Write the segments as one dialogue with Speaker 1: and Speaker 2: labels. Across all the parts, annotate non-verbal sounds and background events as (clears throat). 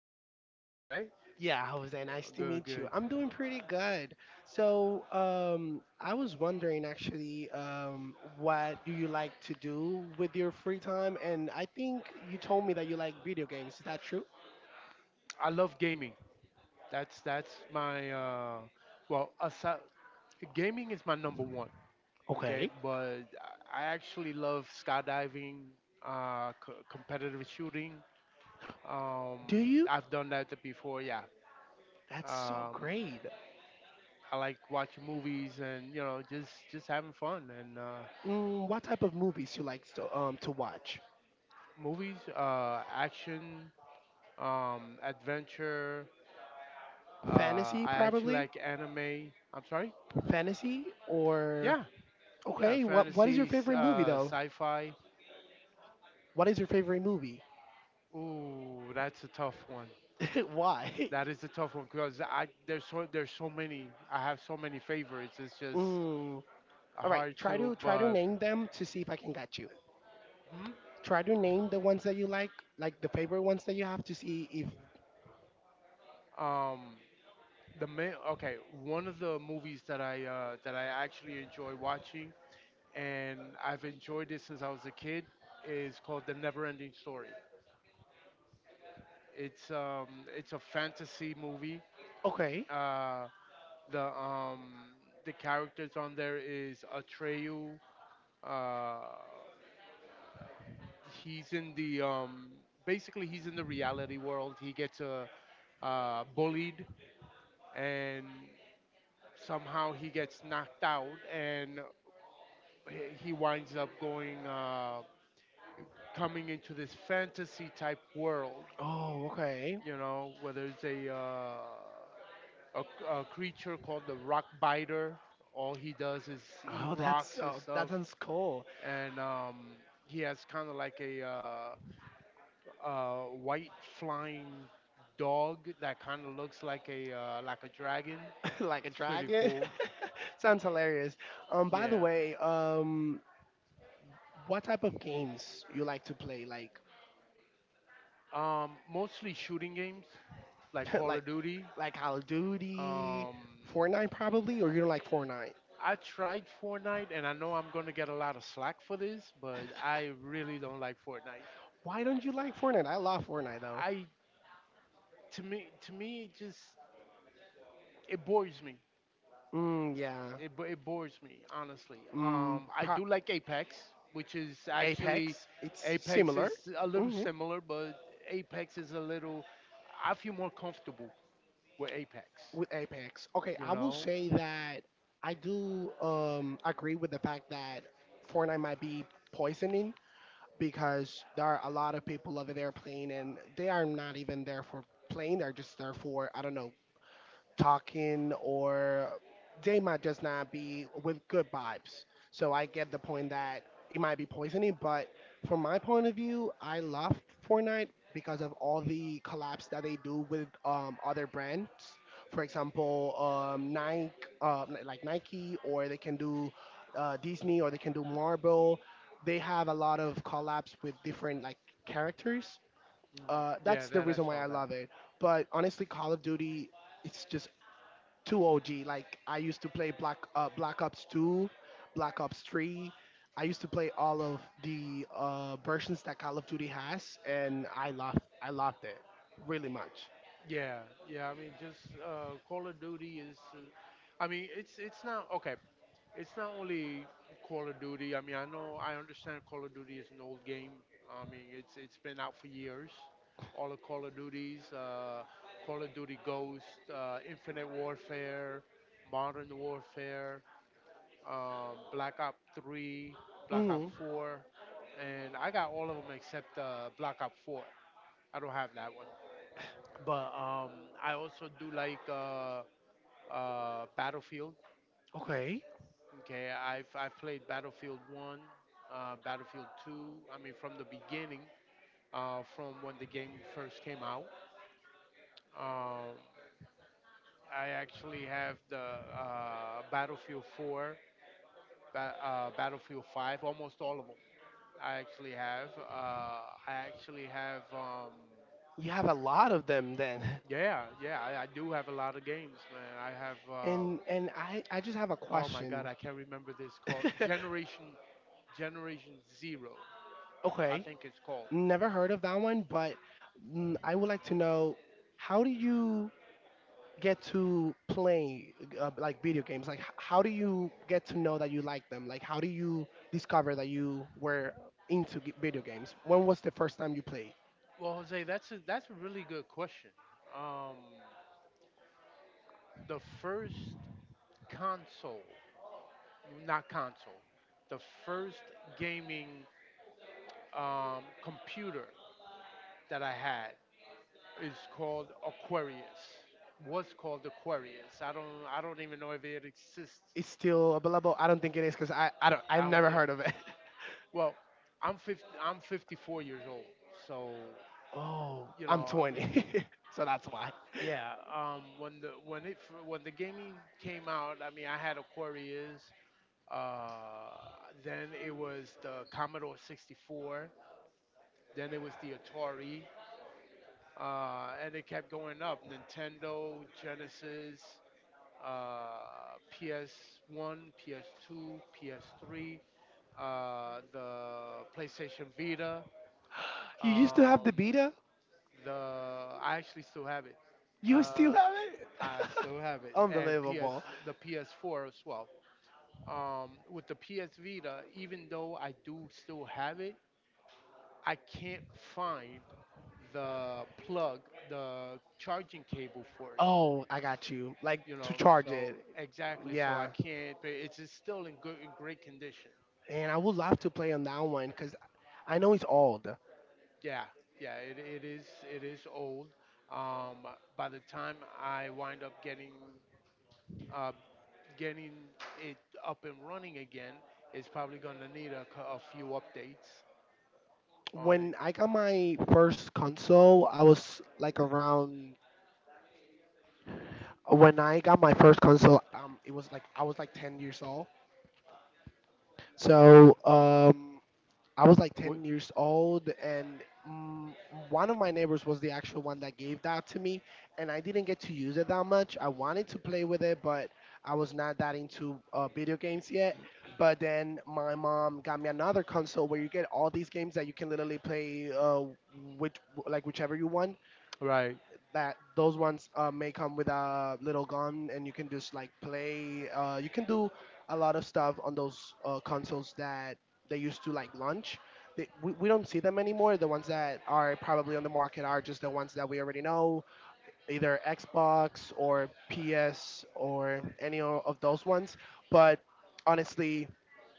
Speaker 1: yourself,
Speaker 2: I'm
Speaker 1: Jose? Right?
Speaker 2: yeah, Jose. Nice
Speaker 1: Oh,
Speaker 2: to
Speaker 1: good,
Speaker 2: meet you.
Speaker 1: good.
Speaker 2: I'm doing pretty good. So, I was wondering actually, what do you like to do with your free time? And I think you told me that you like video games. Is that true?
Speaker 1: I love gaming. That's my well, aside, gaming is my number one. Okay,
Speaker 2: Okay.
Speaker 1: but I actually love skydiving, competitive shooting. Um,
Speaker 2: Do you?
Speaker 1: I've done that before. Yeah.
Speaker 2: That's so
Speaker 1: Um,
Speaker 2: great.
Speaker 1: I like watching movies and just having fun and
Speaker 2: Mm, what type of movies you like to watch?
Speaker 1: movies, action, adventure. Uh,
Speaker 2: Fantasy,
Speaker 1: I actually
Speaker 2: probably.
Speaker 1: like anime. I'm sorry?
Speaker 2: Fantasy or
Speaker 1: Yeah, yeah,
Speaker 2: okay. What is your
Speaker 1: fantasy,
Speaker 2: favorite movie though?
Speaker 1: sci-fi.
Speaker 2: What is your favorite movie?
Speaker 1: Ooh, that's a tough one.
Speaker 2: (laughs) Why? (laughs)
Speaker 1: That is a tough one because I there's so many. I have so many favorites. It's just
Speaker 2: Mm. All right,
Speaker 1: hard
Speaker 2: try
Speaker 1: to.
Speaker 2: to try to
Speaker 1: But
Speaker 2: name them to see if I can get you.
Speaker 1: hmm,
Speaker 2: Try to name the ones that you like the favorite ones that you have to see if
Speaker 1: um, the main, okay, one of the movies that I actually enjoy watching and I've enjoyed it since I was a kid is called The Neverending Story. It's um it's a fantasy movie.
Speaker 2: okay.
Speaker 1: Uh, The um the characters on there is Atreyu. Uh, he's in the Basically he's in the reality world. He gets bullied and somehow he gets knocked out and he winds up going coming into this fantasy type world.
Speaker 2: Oh, okay.
Speaker 1: You know, where there's a, a creature called the rock biter. All he does is eat
Speaker 2: Oh, that's
Speaker 1: rocks and
Speaker 2: oh, that
Speaker 1: stuff,
Speaker 2: sounds cool. (laughs)
Speaker 1: and he has kind of like a white flying dog that kind of looks like a like a dragon.
Speaker 2: Like a
Speaker 1: It's pretty
Speaker 2: dragon.
Speaker 1: cool.
Speaker 2: (laughs) Sounds hilarious. By the
Speaker 1: Yeah.
Speaker 2: way, what type of games you like to play? Like,
Speaker 1: Mostly shooting games like
Speaker 2: (laughs)
Speaker 1: Call
Speaker 2: like,
Speaker 1: of Duty.
Speaker 2: like Call of Duty,
Speaker 1: Um,
Speaker 2: Fortnite probably, or you don't like Fortnite?
Speaker 1: I tried Fortnite, and I know I'm gonna get a lot of slack for this, but I really don't like Fortnite.
Speaker 2: Why don't you like Fortnite? I love Fortnite though.
Speaker 1: I to me it just it bores me.
Speaker 2: Mm, yeah.
Speaker 1: It bores me, honestly.
Speaker 2: Mm,
Speaker 1: I
Speaker 2: pro-
Speaker 1: do like Apex, which is actually
Speaker 2: Apex. It's
Speaker 1: Apex
Speaker 2: similar
Speaker 1: is a little
Speaker 2: hmm
Speaker 1: similar, but Apex is a little. I feel more comfortable with Apex.
Speaker 2: with Apex. Okay,
Speaker 1: You
Speaker 2: I will
Speaker 1: know?
Speaker 2: say that I do agree with the fact that Fortnite might be poisoning because there are a lot of people over there playing and they are not even there for playing. They're just there for I don't know talking or they might just not be with good vibes. So I get the point that it might be poisoning, but from my point of view, I love Fortnite because of all the collabs that they do with other brands. For example, Nike, like Nike, or they can do Disney, or they can do Marvel. They have a lot of collabs with different like characters.
Speaker 1: Mm, yeah,
Speaker 2: That's the
Speaker 1: that I
Speaker 2: reason why
Speaker 1: saw
Speaker 2: I
Speaker 1: that.
Speaker 2: love it. But honestly, Call of Duty it's just too OG. Like I used to play Black Ops 2, Black Ops 3. I used to play all of the versions that Call of Duty has, and I loved it really much.
Speaker 1: Yeah, yeah. I mean, just Call of Duty is. I mean, it's not okay. It's not only Call of Duty. I mean, I know, I understand Call of Duty is an old game. I mean, it's been out for years. All the Call of Duties, Call of Duty Ghost, Infinite Warfare, Modern Warfare, Black Ops 3, Black Ops
Speaker 2: Hmm.
Speaker 1: 4, and I got all of them except Black Ops 4. I don't have that one, but I also do like Battlefield.
Speaker 2: Okay,
Speaker 1: Okay, I've played Battlefield One, Battlefield Two. I mean, from the beginning, from when the game first came out. Um, I actually have the Battlefield Four, Battlefield Five, almost all of them. I actually have. I actually have. Um,
Speaker 2: you have a lot of them then.
Speaker 1: yeah, yeah, I do have a lot of games, man. I have.
Speaker 2: (laughs) And I just have a
Speaker 1: Oh my God,
Speaker 2: question.
Speaker 1: I can't remember this, called
Speaker 2: (laughs)
Speaker 1: Generation Zero. I
Speaker 2: Okay,
Speaker 1: think it's called.
Speaker 2: never heard of that one, but mm, I would like to know how do you get to play like video games? Like, how do you get to know that you like them? Like, how do you discover that you were into video games? When was the first time you played?
Speaker 1: Well, Jose, that's a really good question. Um, the first console, not console, the first gaming computer that I had is called Aquarius. Was called Aquarius. I don't even know if it exists.
Speaker 2: It's still available? I don't think it is because I've
Speaker 1: I don't
Speaker 2: never
Speaker 1: think.
Speaker 2: heard of it. (laughs)
Speaker 1: Well, I'm 54 years old, so
Speaker 2: Oh,
Speaker 1: you
Speaker 2: I'm
Speaker 1: know I mean.
Speaker 2: 20, (laughs) so that's why.
Speaker 1: Yeah, when the when it when the gaming came out, I mean, I had Aquarius. Uh, then it was the Commodore 64. Then it was the Atari. And it kept going up, Nintendo, Genesis, uh, PS1, PS2, PS3, the PlayStation Vita.
Speaker 2: You used to have
Speaker 1: Um,
Speaker 2: the beta.
Speaker 1: the I actually still have it.
Speaker 2: You still
Speaker 1: Uh,
Speaker 2: have it.
Speaker 1: I
Speaker 2: (laughs)
Speaker 1: still have it, and PS
Speaker 2: Unbelievable.
Speaker 1: the PS4 as well. With the PS Vita, even though I do still have it, I can't find the plug, the charging cable for it.
Speaker 2: Oh, I got you. Like
Speaker 1: You
Speaker 2: to
Speaker 1: know,
Speaker 2: charge
Speaker 1: so
Speaker 2: it.
Speaker 1: exactly, so
Speaker 2: Yeah.
Speaker 1: I can't. But it's still in good, in great condition.
Speaker 2: And I would love to play on that one because I know it's old.
Speaker 1: Yeah, yeah, it is old. Um, by the time I wind up uh, getting it up and running again, it's probably gonna need a few updates on it.
Speaker 2: When I got my first console, I was like around When I got my first console, it was like I was like 10 years old. So, I was like
Speaker 1: What?
Speaker 2: 10 years old and mm, one of my neighbors was the actual one that gave that to me and I didn't get to use it that much. I wanted to play with it, but I was not that into video games yet. But then my mom got me another console where you get all these games that you can literally play which like whichever you want
Speaker 1: Right.
Speaker 2: that those ones may come with a little gun and you can just like play you can do a lot of stuff on those consoles that they used to like launch we don't see them anymore. The ones that are probably on the market are just the ones that we already know, either Xbox or PS or any of those ones. But honestly,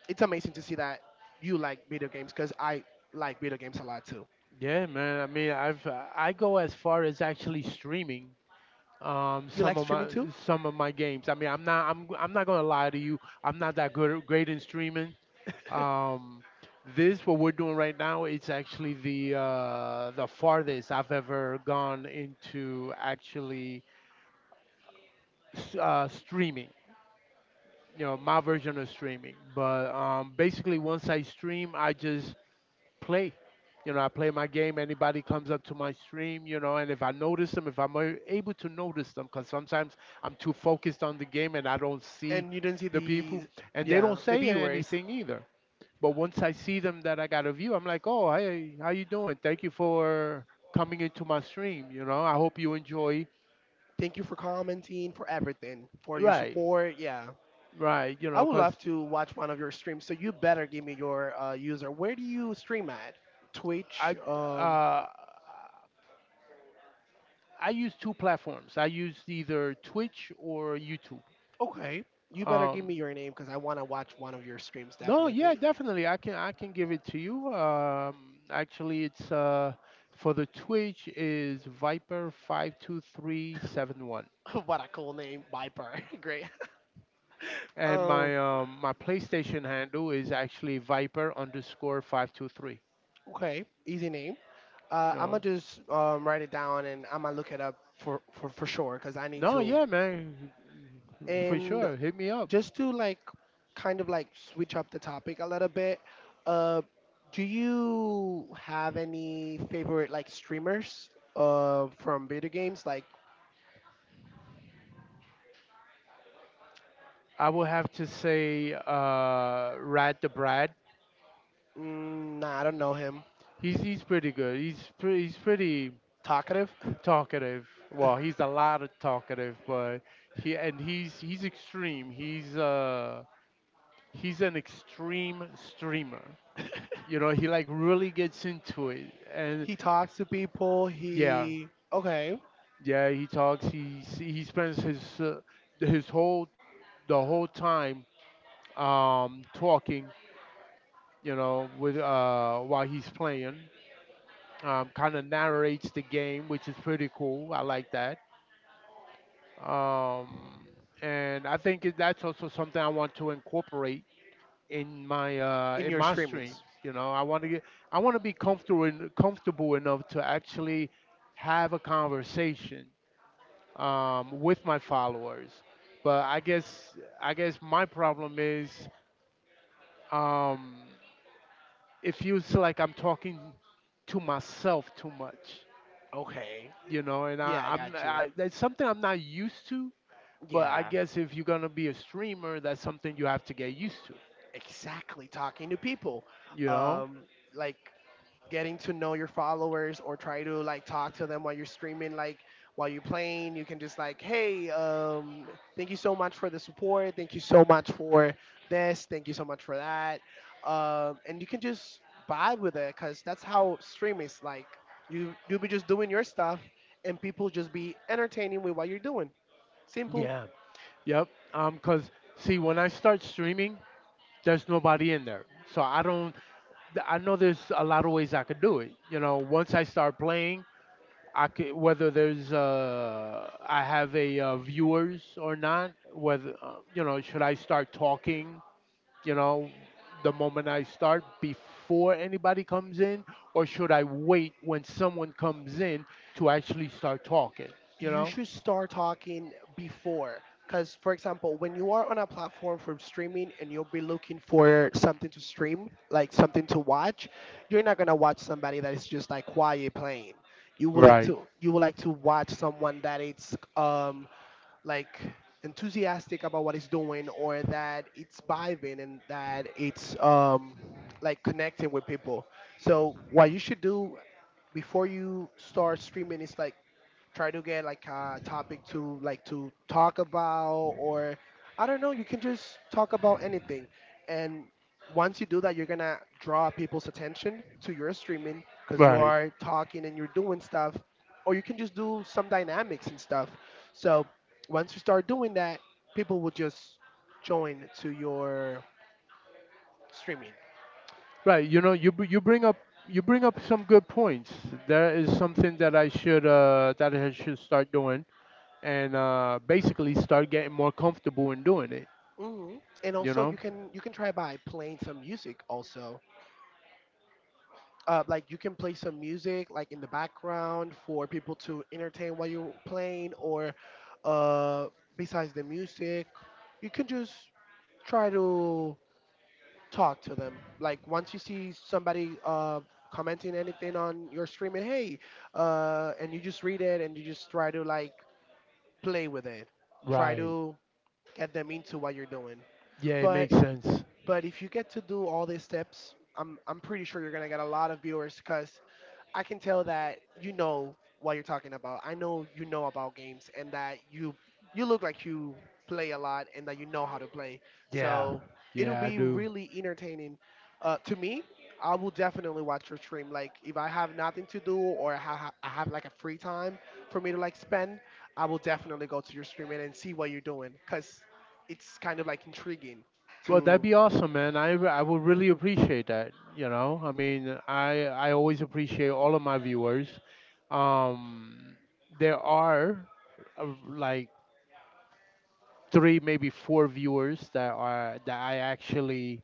Speaker 2: it's amazing to see that you like video games because I like video games a lot too.
Speaker 1: Yeah, man. I mean, I've I go as far as actually streaming
Speaker 2: You
Speaker 1: some
Speaker 2: like
Speaker 1: of my
Speaker 2: streaming too?
Speaker 1: games. I mean, I'm not gonna lie to you. I'm not that good, great in streaming. Um, this what we're doing right now. It's actually the farthest I've ever gone into actually streaming. You know, my version of streaming. But basically, once I stream, I just play. You know, I play my game. Anybody comes up to my stream, you know, and if I notice them, if I'm a- able to notice them, because sometimes I'm too focused on the game and I don't see
Speaker 2: And you do not see
Speaker 1: the
Speaker 2: the
Speaker 1: people, and they
Speaker 2: yeah
Speaker 1: don't
Speaker 2: the
Speaker 1: say
Speaker 2: viewers.
Speaker 1: anything either. But once I see them that I got a view, I'm like, oh, hey, how you doing? Thank you for coming into my stream. You know, I hope you enjoy.
Speaker 2: Thank you for commenting, for everything, for your
Speaker 1: Right,
Speaker 2: support, yeah.
Speaker 1: right. You
Speaker 2: I
Speaker 1: know,
Speaker 2: would
Speaker 1: because
Speaker 2: love to watch one of your streams, so you better give me your user. Where do you stream at? Twitch,
Speaker 1: I
Speaker 2: um,
Speaker 1: uh, I use two platforms. I use either Twitch or YouTube.
Speaker 2: okay. You better give me
Speaker 1: Um,
Speaker 2: your name because I want to watch one of your streams
Speaker 1: No, yeah,
Speaker 2: definitely.
Speaker 1: definitely. I can give it to you. Actually, it's for the Twitch is Viper 52371,
Speaker 2: (laughs) What a cool name, Viper. (laughs) Great,
Speaker 1: and
Speaker 2: um,
Speaker 1: my my PlayStation handle is actually Viper underscore 523.
Speaker 2: okay, easy name. I'm gonna
Speaker 1: No,
Speaker 2: just write it down and I'm gonna look it up for for sure because I need
Speaker 1: no,
Speaker 2: to.
Speaker 1: yeah, man, for
Speaker 2: And
Speaker 1: sure. Hit me up.
Speaker 2: just to like kind of like switch up the topic a little bit, uh, do you have any favorite like streamers, uh, from video games like,
Speaker 1: I will have to say Rad the Brad.
Speaker 2: mm, nah, I don't know him.
Speaker 1: He's pretty good. He's pretty
Speaker 2: Talkative.
Speaker 1: talkative. Well,
Speaker 2: (laughs)
Speaker 1: he's a lot of talkative, but he's extreme. He's an extreme streamer. You know, he like really gets into it, and
Speaker 2: He talks to people
Speaker 1: yeah,
Speaker 2: he okay
Speaker 1: yeah, he talks. He spends his whole the whole time talking. You know, with while he's playing, kind of narrates the game, which is pretty cool. I like that, um, and that's also something I want to incorporate
Speaker 2: in
Speaker 1: in
Speaker 2: your
Speaker 1: my
Speaker 2: streamings
Speaker 1: streams. You know, I want to be comfortable enough to actually have a conversation with my followers. But I guess my problem is, um, it feels like I'm talking to myself too much.
Speaker 2: okay
Speaker 1: You know, and
Speaker 2: yeah I got you,
Speaker 1: that's something I'm not used to. But I
Speaker 2: yeah.
Speaker 1: guess if you're gonna be a streamer, that's something you have to get used to.
Speaker 2: Exactly, talking to people.
Speaker 1: You know?
Speaker 2: Um, like getting to know your followers or try to like talk to them while you're streaming. Like while you're playing you can just like, hey, um, thank you so much for the support, thank you so much for this, thank you so much for that. Um, and you can just vibe with it because that's how stream is like. You you'll be just doing your stuff and people just be entertaining with what you're doing. Simple.
Speaker 1: Yeah. Yep. Cause see, when I start streaming, there's nobody in there, so I don't. I know there's a lot of ways I could do it. You know, once I start playing, I could, whether there's I have a viewers or not. Whether you know, should I start talking, you know, the moment I start before anybody comes in, or should I wait when someone comes in to actually start talking? You
Speaker 2: You
Speaker 1: know,
Speaker 2: should start talking before, because for example, when you are on a platform for streaming and you'll be looking for something to stream, like something to watch, you're not going to watch somebody that is just like quiet playing.
Speaker 1: right,
Speaker 2: You would like to watch someone that it's like enthusiastic about what it's doing, or that it's vibing and that it's like connecting with people. So what you should do before you start streaming is like try to get like a topic to like to talk about, or I don't know, you can just talk about anything. And once you do that, you're gonna draw people's attention to your streaming because you
Speaker 1: right.
Speaker 2: are talking and you're doing stuff. Or you can just do some dynamics and stuff. So once you start doing that, people will just join to your streaming.
Speaker 1: Right? You know, you bring up some good points. There is something that I should start doing, and basically start getting more comfortable in doing it.
Speaker 2: Hmm. And
Speaker 1: You
Speaker 2: also,
Speaker 1: know,
Speaker 2: you can try by playing some music also. Like you can play some music like in the background for people to entertain while you're playing. Or uh, besides the music, you can just try to talk to them. Like once you see somebody commenting anything on your stream, and hey, and you just read it and you just try to like play with it. Try
Speaker 1: right.
Speaker 2: to get them into what you're doing.
Speaker 1: Yeah, it
Speaker 2: but
Speaker 1: makes sense.
Speaker 2: but if you get to do all these steps, I'm pretty sure you're gonna get a lot of viewers because I can tell that you know what you're talking about. I know you know about games, and that you look like you play a lot and that you know how to play.
Speaker 1: Yeah,
Speaker 2: So it'll
Speaker 1: yeah, I
Speaker 2: be
Speaker 1: do.
Speaker 2: really entertaining. To me, I will definitely watch your stream. Like if I have nothing to do, or I have like a free time for me to like spend, I will definitely go to your stream and see what you're doing because it's kind of like intriguing.
Speaker 1: Well, that'd
Speaker 2: To
Speaker 1: be awesome, man. I would really appreciate that. You know, I mean, I always appreciate all of my viewers. Um, there are like three, maybe four viewers that are that I actually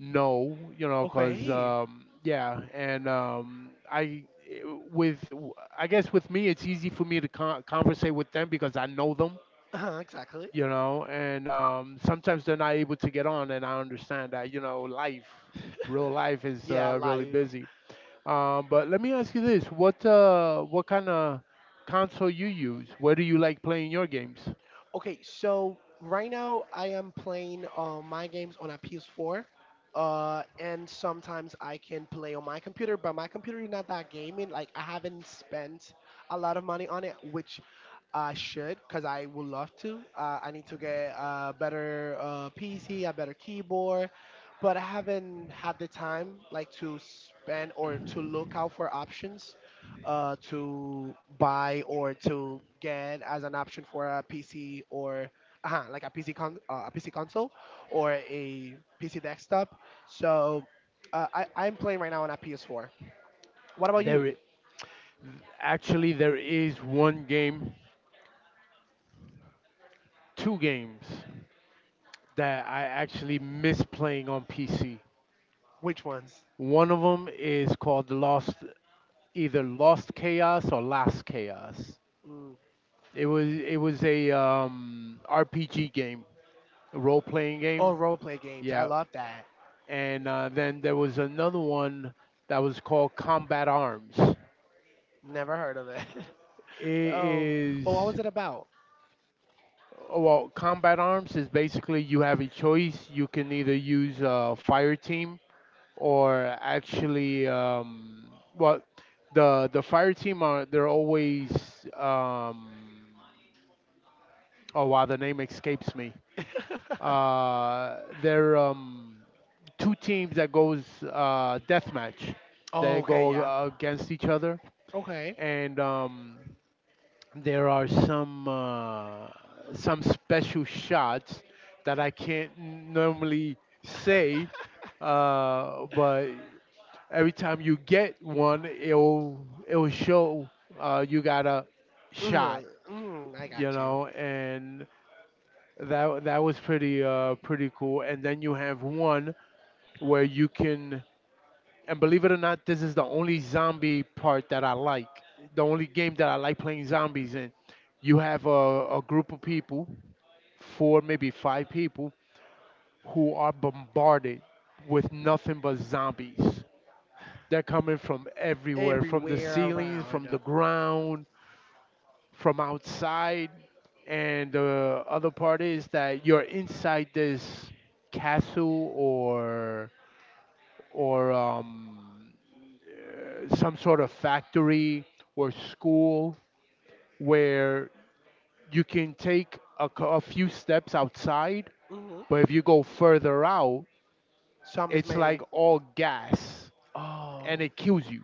Speaker 1: know. You know, cause
Speaker 2: okay,
Speaker 1: yeah, and eh, with I guess with me, it's easy for me to conversate with them because I know them,
Speaker 2: (laughs) uh, exactly.
Speaker 1: you know. And sometimes they're not able to get on, and I understand that. You know, life, real life is
Speaker 2: Yeah,
Speaker 1: really
Speaker 2: live.
Speaker 1: busy, but let me ask you this, what kind of console you use, where do you like playing your games?
Speaker 2: Okay, so right now I am playing my games on a PS4, and sometimes I can play on my computer, but my computer is not that gaming. Like I haven't spent a lot of money on it, which I should, cause I would love to. I need to get a better PC, a better keyboard, but I haven't had the time like to spend or to look out for options to buy or to get as an option for a PC, or like a a PC console or a PC desktop. So I'm playing right now on a PS4. What about you?
Speaker 1: there i- Actually, there is one game, two games that I actually miss playing on PC.
Speaker 2: Which ones?
Speaker 1: One of them is called Lost, either Lost Chaos or Last Chaos.
Speaker 2: Mm.
Speaker 1: It was a RPG game, a role playing game.
Speaker 2: Oh, role play games. I
Speaker 1: Yeah.
Speaker 2: love that.
Speaker 1: And then there was another one that was called Combat Arms.
Speaker 2: Never heard of it.
Speaker 1: It
Speaker 2: (laughs) Um, but what
Speaker 1: is,
Speaker 2: was it about?
Speaker 1: well, Combat Arms is basically you have a choice. You can either use a fire team or actually, well, the fire team are, they're always, um, oh wow, the name escapes me.
Speaker 2: (laughs)
Speaker 1: They're two teams that goes death match.
Speaker 2: Oh,
Speaker 1: They
Speaker 2: okay,
Speaker 1: go
Speaker 2: yeah.
Speaker 1: against each other,
Speaker 2: Okay.
Speaker 1: and there are some special shots that I can't normally say, but every time you get one, it'll show you got a shot,
Speaker 2: Mm, mm, I
Speaker 1: you
Speaker 2: got you.
Speaker 1: know, and that was pretty pretty cool. And then you have one where you can and believe it or not this is the only zombie part that I like, the only game that I like playing zombies in. You have a group of people, four maybe five people, who are bombarded with nothing but zombies. They're coming from everywhere, from the
Speaker 2: Everywhere
Speaker 1: ceilings, from
Speaker 2: around.
Speaker 1: the ground, from outside. And the other part is that you're inside this castle or or some sort of factory or school where you can take a few steps outside,
Speaker 2: Hmm.
Speaker 1: but if you go further out,
Speaker 2: Zombies
Speaker 1: it's like
Speaker 2: may.
Speaker 1: all gas
Speaker 2: Oh.
Speaker 1: and it kills you.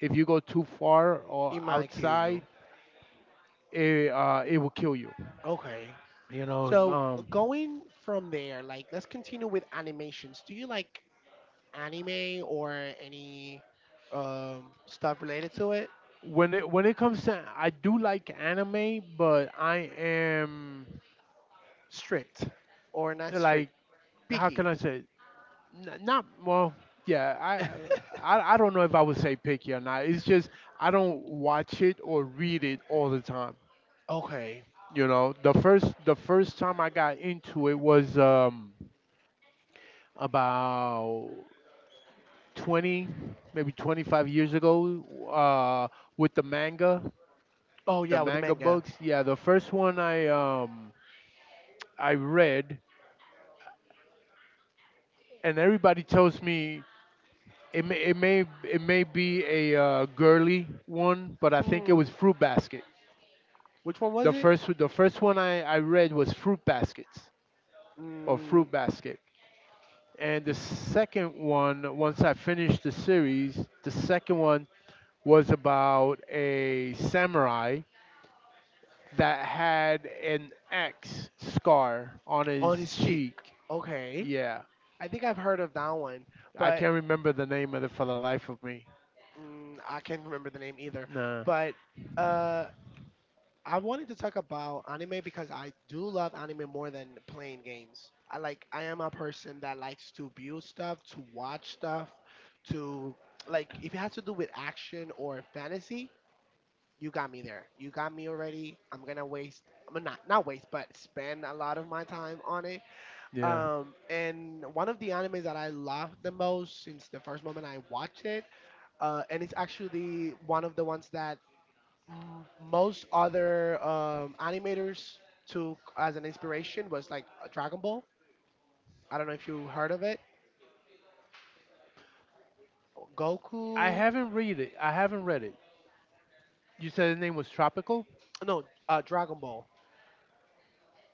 Speaker 1: If you go too far or
Speaker 2: It might kill
Speaker 1: outside,
Speaker 2: you.
Speaker 1: it will kill you.
Speaker 2: Okay.
Speaker 1: You know,
Speaker 2: So
Speaker 1: um,
Speaker 2: going from there, like let's continue with animations. Do you like anime or any stuff related to it?
Speaker 1: when it comes to I do like anime, but I am
Speaker 2: Strict or not strict?
Speaker 1: like, how can
Speaker 2: Picky.
Speaker 1: I say, not well. Yeah,
Speaker 2: (laughs)
Speaker 1: I don't know if I would say picky or not. It's just I don't watch it or read it all the time.
Speaker 2: Okay.
Speaker 1: You know, the first time I got into it was about 20, maybe 25 years ago uh with
Speaker 2: Oh
Speaker 1: the
Speaker 2: yeah, with the
Speaker 1: manga
Speaker 2: manga.
Speaker 1: books. Yeah, the first one I read, and everybody tells me it may be a girly one, but I think it
Speaker 2: Mm.
Speaker 1: was Fruit Basket.
Speaker 2: Which one was
Speaker 1: The
Speaker 2: it?
Speaker 1: first the first one I read was Fruit Baskets or
Speaker 2: Mm,
Speaker 1: Fruit Basket. And the second one, once I finished the series, the second one was about a samurai that had an X scar on
Speaker 2: on
Speaker 1: his
Speaker 2: his cheek.
Speaker 1: cheek.
Speaker 2: Okay.
Speaker 1: Yeah.
Speaker 2: I think I've heard of that one,
Speaker 1: I
Speaker 2: but
Speaker 1: can't remember the name of it for the life of me.
Speaker 2: mm, I can't remember the name either.
Speaker 1: Nah.
Speaker 2: But uh, I wanted to talk about anime because I do love anime more than playing games. I am a person that likes to build stuff, to watch stuff, to like if it has to do with action or fantasy, you got me there. You got me already. I mean, not waste, but spend a lot of my time on it.
Speaker 1: Yeah.
Speaker 2: And one of the animes that I loved the most since the first moment I watched it, and it's actually one of the ones that most other animators took as an inspiration was like Dragon Ball. I don't know if you heard of it. Goku,
Speaker 1: I haven't read it. I haven't read it. You said the name was Tropical?
Speaker 2: no, Dragon Ball.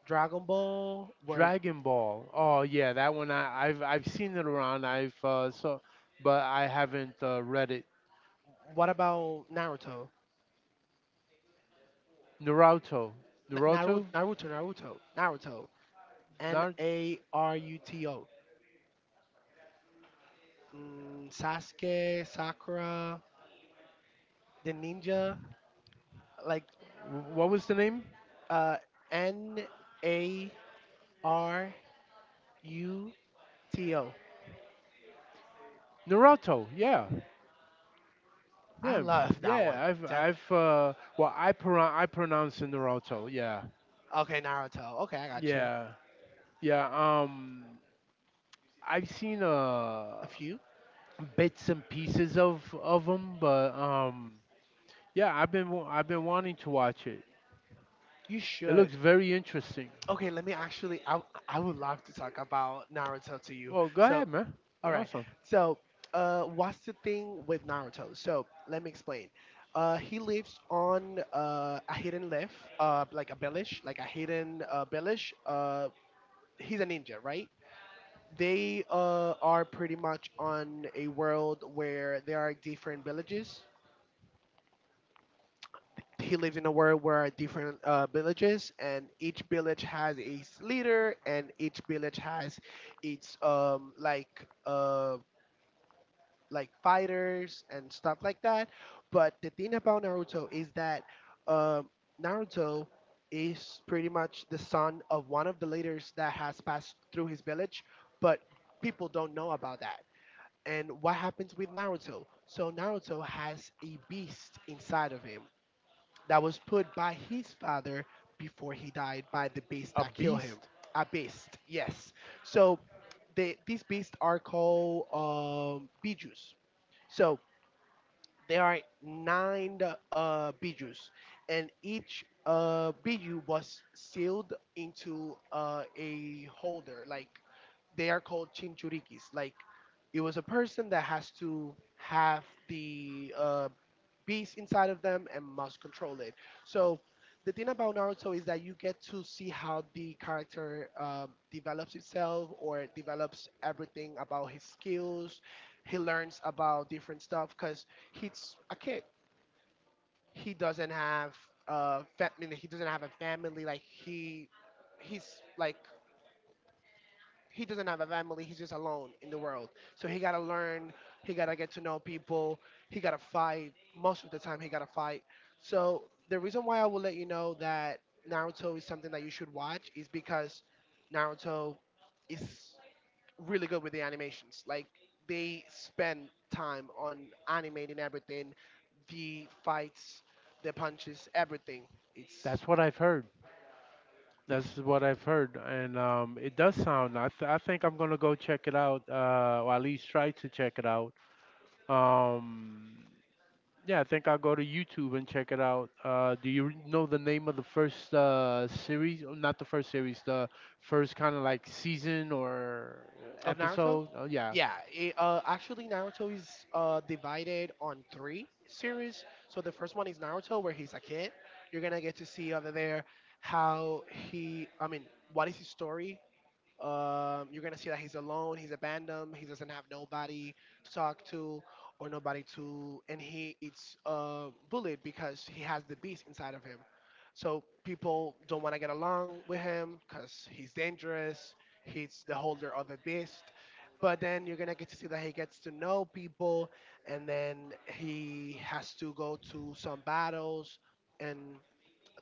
Speaker 2: Dragon Ball. Were
Speaker 1: Dragon Ball. Oh yeah, that one, I've seen it around. I've so, but I haven't read it.
Speaker 2: What about Naruto?
Speaker 1: Naruto.
Speaker 2: N- Naruto,
Speaker 1: Naruto.
Speaker 2: Naruto, Naruto, Naruto. N
Speaker 1: Nar-
Speaker 2: A R U T O. Sasuke, Sakura, the ninja. Like
Speaker 1: What was the name?
Speaker 2: uh, Naruto.
Speaker 1: Naruto. Yeah.
Speaker 2: I
Speaker 1: Yeah.
Speaker 2: love that
Speaker 1: Yeah.
Speaker 2: one.
Speaker 1: I've well I I pronounce it Naruto. Yeah.
Speaker 2: Okay, Naruto. Okay, I got you.
Speaker 1: Yeah. Yeah. I've seen
Speaker 2: A few?
Speaker 1: bits and pieces of them, but yeah, I've been I've been wanting to watch it.
Speaker 2: You
Speaker 1: It
Speaker 2: should.
Speaker 1: looks very interesting.
Speaker 2: Okay, let me I would love to talk about Naruto to you.
Speaker 1: Well, go ahead,
Speaker 2: So,
Speaker 1: man.
Speaker 2: all
Speaker 1: You're
Speaker 2: right.
Speaker 1: awesome.
Speaker 2: So, what's the thing with Naruto? So, let me explain. He lives on a hidden lift, like a village, like a hidden village. He's a ninja, right? They are pretty much on a world where there are different villages he lives in a world where different villages, and each village has its leader, and each village has its like fighters and stuff like that. But the thing about Naruto is that um naruto is pretty much the son of one of the leaders that has passed through his village, but people don't know about that. And what happens with Naruto? So Naruto has a beast inside of him that was put by his father before he died by the beast
Speaker 1: A
Speaker 2: that killed him.
Speaker 1: beast.
Speaker 2: A beast, yes. So they, these beasts are called bijus. So there are nine bijus, and each biju was sealed into a holder. Like they are called chinchurikis. Like it was a person that has to have the beast inside of them and must control it. So the thing about Naruto is that you get to see how the character develops itself, or develops everything about his skills. He learns about different stuff because he's a kid. He doesn't have a family. Like, he doesn't have a family. He's just alone in the world. So he gotta learn. He gotta get to know people. He gotta fight. Most of the time, he gotta fight. So the reason why I will let you know that Naruto is something that you should watch is because Naruto is really good with the animations. Like, they spend time on animating everything, the fights, the punches, everything. It's
Speaker 1: That's what I've heard. That's what I've heard, and it does sound. I, I think I'm gonna go check it out, or at least try to check it out. Um, yeah, I think I'll go to YouTube and check it out. Do you know the name of the first series? Oh, not the first series, the first kind of like season or
Speaker 2: Of Naruto?
Speaker 1: episode. Oh yeah,
Speaker 2: Yeah, actually, Naruto is divided on three series. So the first one is Naruto, where he's a kid. You're gonna get to see over there how what is his story. You're gonna see that he's alone, he's abandoned, he doesn't have nobody to talk to or nobody to, and he it's bullied because he has the beast inside of him. So people don't want to get along with him because he's dangerous. He's the holder of a beast. But then you're gonna get to see that he gets to know people, and then he has to go to some battles, and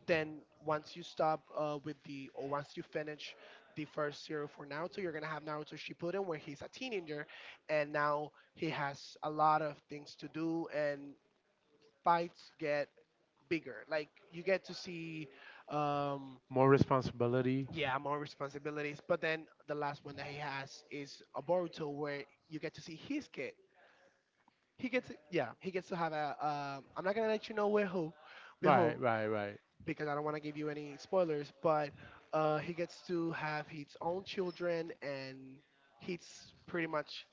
Speaker 2: then once you stop with the or once you finish the first zero for Naruto, you're gonna have Naruto Shippuden, where he's a teenager, and now he has a lot of things to do, and fights get bigger. Like, you get to see, um,
Speaker 1: more responsibility.
Speaker 2: yeah, more responsibilities. But then the last one that he has is a Boruto, where you get to see his kid. He gets, yeah, he gets to have a. I'm not gonna let you know with
Speaker 1: Right,
Speaker 2: whom,
Speaker 1: right, right.
Speaker 2: because I don't want to give you any spoilers, but he gets to have his own children, and he's pretty much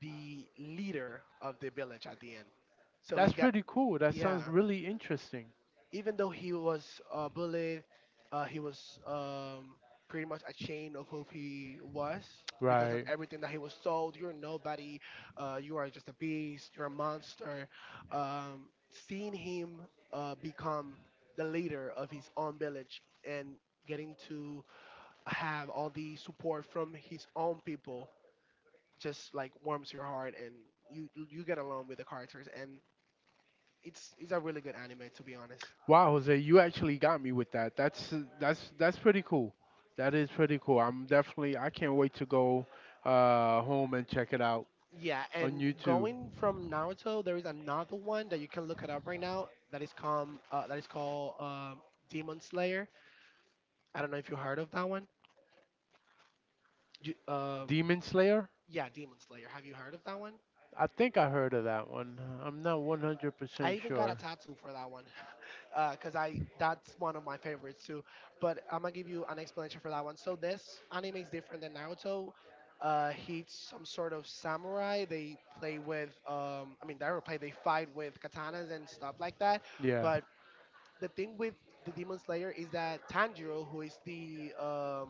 Speaker 2: the leader of the village at the end. So he
Speaker 1: That's pretty cool. That
Speaker 2: yeah,
Speaker 1: sounds really interesting.
Speaker 2: even though he was bullied, he was pretty much ashamed of who he was because of
Speaker 1: Right.
Speaker 2: everything that he was told. You're nobody. You are just a beast. You're a monster. Seeing him become the leader of his own village and getting to have all the support from his own people just like warms your heart, and you get along with the characters, and it's a really good anime, to be honest.
Speaker 1: Wow, Jose, you actually got me with that. That's pretty cool. That is pretty cool. I'm definitely I can't wait to go home and check it out
Speaker 2: Yeah,
Speaker 1: on
Speaker 2: and
Speaker 1: YouTube.
Speaker 2: going from Naruto, there is another one that you can look it up right now. That is called Demon Slayer. I don't know if you heard of that one. You, uh,
Speaker 1: Demon Slayer?
Speaker 2: yeah, Demon Slayer. Have you heard of that one?
Speaker 1: I think I heard of that one. I'm not
Speaker 2: I
Speaker 1: 100%
Speaker 2: even got a
Speaker 1: sure.
Speaker 2: tattoo for that one, (laughs) because I that's one of my favorites too. But I'm gonna give you an explanation for that one. So this anime is different than Naruto. He's some sort of samurai. They play with, I mean, they don't play. They fight with katanas and stuff like that.
Speaker 1: Yeah.
Speaker 2: But the thing with the Demon Slayer is that Tanjiro, who is the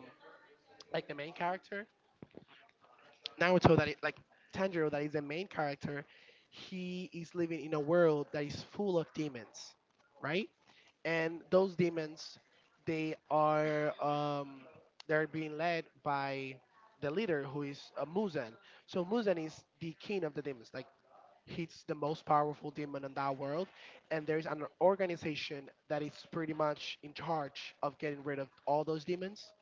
Speaker 2: like the main character, Naruto that is like Tanjiro that is the main character, he is living in a world that is full of demons, right? And those demons, they are um, they're being led by the leader, who is Muzan. So Muzan is the king of the demons. Like, he's the most powerful demon in that world, and there's an organization that is pretty much in charge of getting rid of all those demons.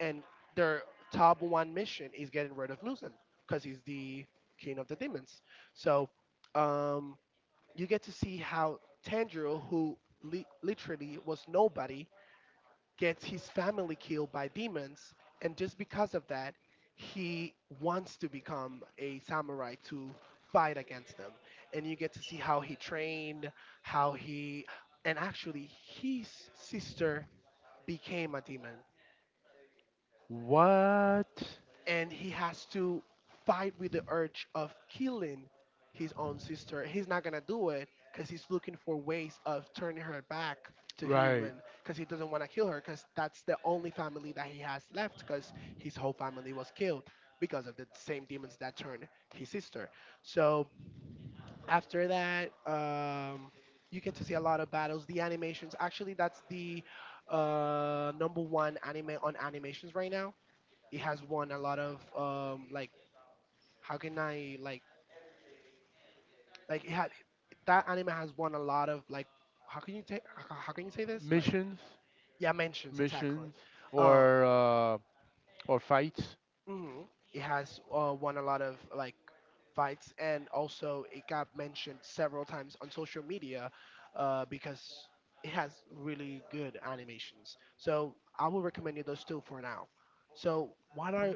Speaker 2: And their top one mission is getting rid of Nuzen, because he's the king of the demons. So um, you get to see how Tanjiro, who li- literally was nobody, gets his family killed by demons, and just because of that, he wants to become a samurai to fight against them. And you get to see how he trained, how he, and actually his sister became a demon.
Speaker 1: What?
Speaker 2: And he has to fight with the urge of killing his own sister. He's not gonna do it because he's looking for ways of turning her back to
Speaker 1: Right.
Speaker 2: human, because he doesn't want to kill her, because that's the only family that he has left, because his whole family was killed because of the same demons that turned his sister. So after that, you get to see a lot of battles. The animations, actually, that's the number one anime on animations right now. It has won a lot of like how can I like it had that anime has won a lot of like how can you take how can you say this like
Speaker 1: Missions,
Speaker 2: yeah, mentions, exactly.
Speaker 1: missions
Speaker 2: uh
Speaker 1: or uh or fights?
Speaker 2: mhm. It has won a lot of like fights, and also it got mentioned several times on social media because it has really good animations. So I will recommend you those two for now. So what are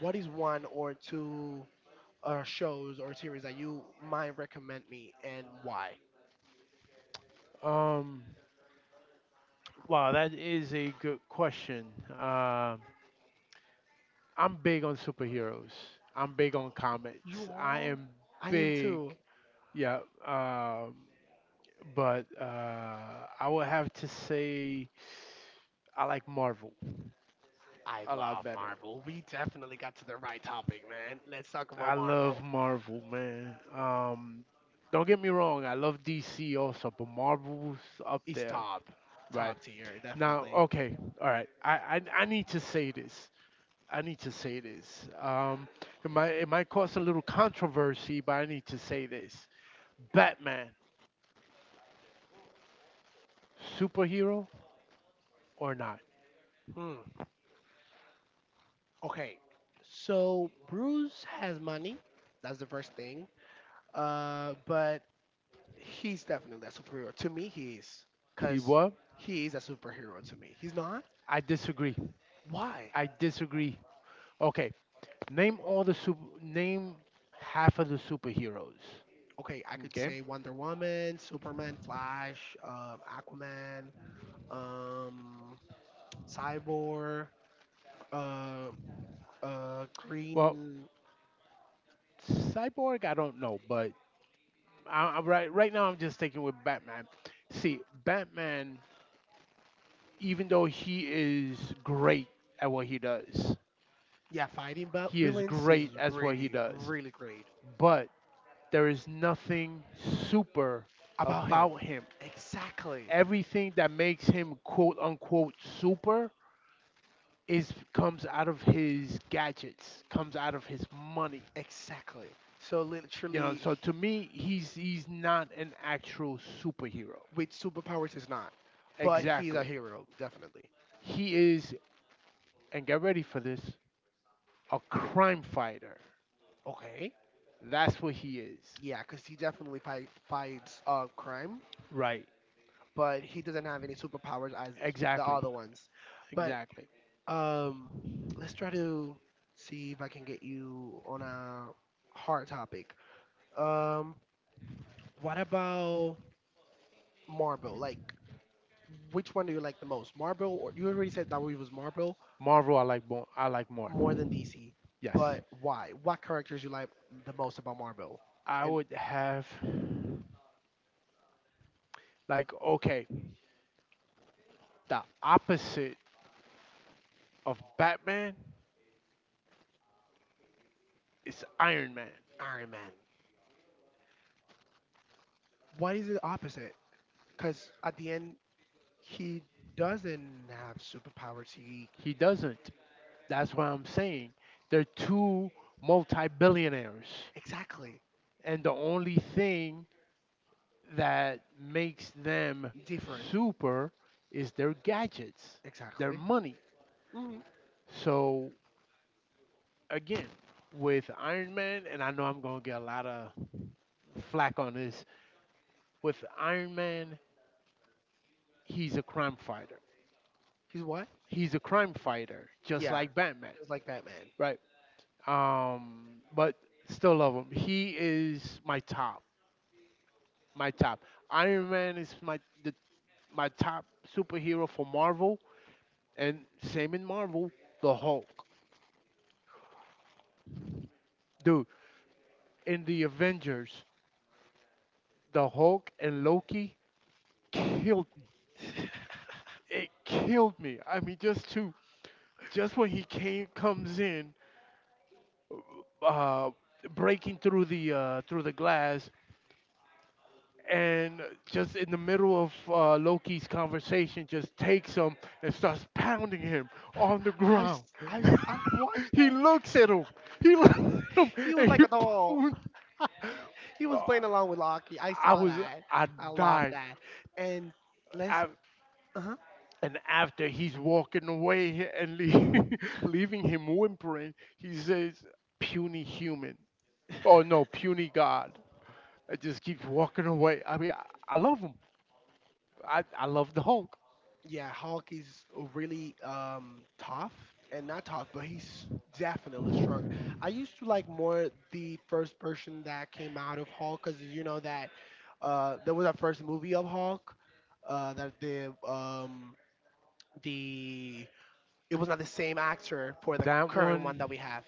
Speaker 2: what is one or two shows or series that you might recommend me, and why?
Speaker 1: Um wow, that is a good question. Um I'm big on superheroes. I'm big on comics.
Speaker 2: You
Speaker 1: I
Speaker 2: are?
Speaker 1: am
Speaker 2: I am
Speaker 1: big.
Speaker 2: too.
Speaker 1: Yeah. Um, but I would have to say I like Marvel
Speaker 2: I
Speaker 1: a lot
Speaker 2: love
Speaker 1: better.
Speaker 2: Marvel. We definitely got to the right topic, man. Let's talk
Speaker 1: I
Speaker 2: about
Speaker 1: love
Speaker 2: Marvel.
Speaker 1: Marvel, man. Don't get me wrong. I love DC also, but Marvel's up
Speaker 2: It's
Speaker 1: there.
Speaker 2: top.
Speaker 1: Right.
Speaker 2: Top tier,
Speaker 1: Now,
Speaker 2: definitely.
Speaker 1: okay. All right. I need to say this. I need to say this. It might cause a little controversy, but I need to say this. Batman, superhero or not?
Speaker 2: Hmm. Okay. So Bruce has money. That's the first thing. But he's definitely a superhero. To me, he is.
Speaker 1: He
Speaker 2: Cause
Speaker 1: what?
Speaker 2: he is a superhero to me. He's not?
Speaker 1: I disagree.
Speaker 2: Why?
Speaker 1: I disagree. Okay, name all the super. Name half of the superheroes.
Speaker 2: Okay, I could
Speaker 1: Okay.
Speaker 2: say Wonder Woman, Superman, Flash, Aquaman, um, Cyborg, uh,
Speaker 1: Well,
Speaker 2: Green.
Speaker 1: Cyborg, I don't know, but right right now I'm just sticking with Batman. See, Batman, even though he is great at what he does,
Speaker 2: Yeah, fighting vil-
Speaker 1: he is
Speaker 2: villains is
Speaker 1: great at what he
Speaker 2: really,
Speaker 1: does,
Speaker 2: really great.
Speaker 1: but there is nothing super
Speaker 2: About him.
Speaker 1: about him.
Speaker 2: Exactly.
Speaker 1: Everything that makes him quote unquote super is comes out of his gadgets, comes out of his money.
Speaker 2: Exactly. So
Speaker 1: You know,
Speaker 2: literally,
Speaker 1: so to me, he's not an actual superhero.
Speaker 2: with superpowers, is not, but he's a
Speaker 1: Exactly.
Speaker 2: hero, definitely.
Speaker 1: He is, and get ready for this, a crime fighter.
Speaker 2: Okay.
Speaker 1: That's what he is.
Speaker 2: Yeah, because he definitely fights crime,
Speaker 1: Right.
Speaker 2: but he doesn't have any superpowers as the
Speaker 1: Exactly.
Speaker 2: other ones. But
Speaker 1: Exactly.
Speaker 2: Um, let's try to see if I can get you on a hard topic. Um, what about Marvel? Like, which one do you like the most, Marvel? Or you already said that it was Marvel
Speaker 1: Marvel, I like more. I like more.
Speaker 2: more than DC,
Speaker 1: Yes.
Speaker 2: but why? What characters you like the most about Marvel
Speaker 1: I
Speaker 2: and
Speaker 1: would have, like, okay, the opposite of Batman, it's Iron Man.
Speaker 2: Iron Man? What is the opposite? Because at the end, he doesn't have superpowers. He
Speaker 1: He doesn't. That's why I'm saying. They're two multi billionaires.
Speaker 2: exactly
Speaker 1: And the only thing that makes them
Speaker 2: different.
Speaker 1: super is their gadgets, their
Speaker 2: Exactly.
Speaker 1: money.
Speaker 2: Hmm.
Speaker 1: So, again, with Iron Man, and I know I'm going to get a lot of flack on this, with Iron Man, he's a crime fighter.
Speaker 2: He's what?
Speaker 1: He's a crime fighter, just
Speaker 2: Yeah,
Speaker 1: like Batman,
Speaker 2: it was like Batman.
Speaker 1: right? um, but still love him. He is my top, my top. Iron Man is my top superhero for Marvel, and same in Marvel, the Hulk. Dude, in the Avengers, the Hulk and Loki killed me.
Speaker 2: (sighs)
Speaker 1: It killed me. I mean, just to just when he came comes in, uh, breaking through the glass and just in the middle of Loki's conversation, just takes him and starts pounding him on the ground. (laughs)
Speaker 2: I watched
Speaker 1: he
Speaker 2: that.
Speaker 1: looks at him. He (laughs) looks at him
Speaker 2: He was
Speaker 1: and
Speaker 2: like
Speaker 1: he
Speaker 2: a doll.
Speaker 1: pounds.
Speaker 2: He was
Speaker 1: Uh,
Speaker 2: playing along with Loki. I
Speaker 1: I
Speaker 2: saw
Speaker 1: was,
Speaker 2: that.
Speaker 1: I
Speaker 2: I loved
Speaker 1: died.
Speaker 2: that. And let's
Speaker 1: I,
Speaker 2: uh huh.
Speaker 1: and after he's walking away and leave, (laughs) leaving him whimpering, he says, puny human. Oh no, puny God. It just keeps walking away. I love him. I love the Hulk.
Speaker 2: Yeah, Hulk is really tough, and not tough, but he's definitely strong. I used to like more the first person that came out of Hulk, because you know that there was a first movie of Hulk that the it was not the same actor for the
Speaker 1: That
Speaker 2: current one
Speaker 1: one,
Speaker 2: that we have.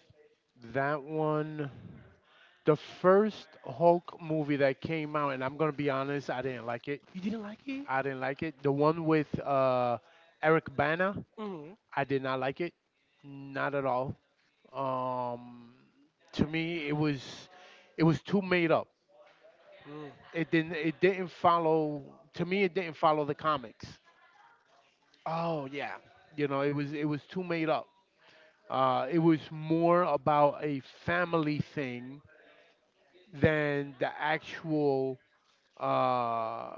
Speaker 1: that one, the first Hulk movie that came out, and I'm gonna be honest, I didn't like it.
Speaker 2: You didn't like it?
Speaker 1: I didn't like it. The one with Eric Bana,
Speaker 2: Mhm.
Speaker 1: I did not like it, not at all. Um, to me, it was too made up.
Speaker 2: Mm.
Speaker 1: It didn't follow. To me, it didn't follow the comics.
Speaker 2: Oh yeah,
Speaker 1: You know, it was too made up. It was more about a family thing than the actual uh,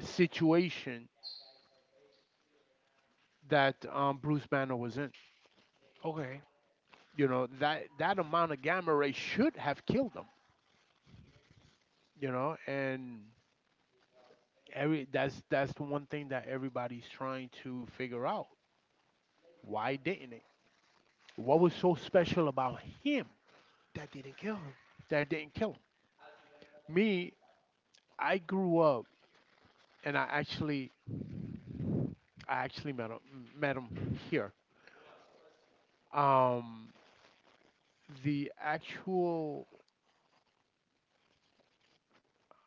Speaker 1: situation that Bruce Banner was in.
Speaker 2: Okay.
Speaker 1: You know that that amount of gamma ray should have killed him. You know, and every that's the one thing that everybody's trying to figure out. Why didn't it? What was so special about him
Speaker 2: that didn't kill him.
Speaker 1: that it didn't kill him? Me, I grew up, and I actually met him here. Um, the actual,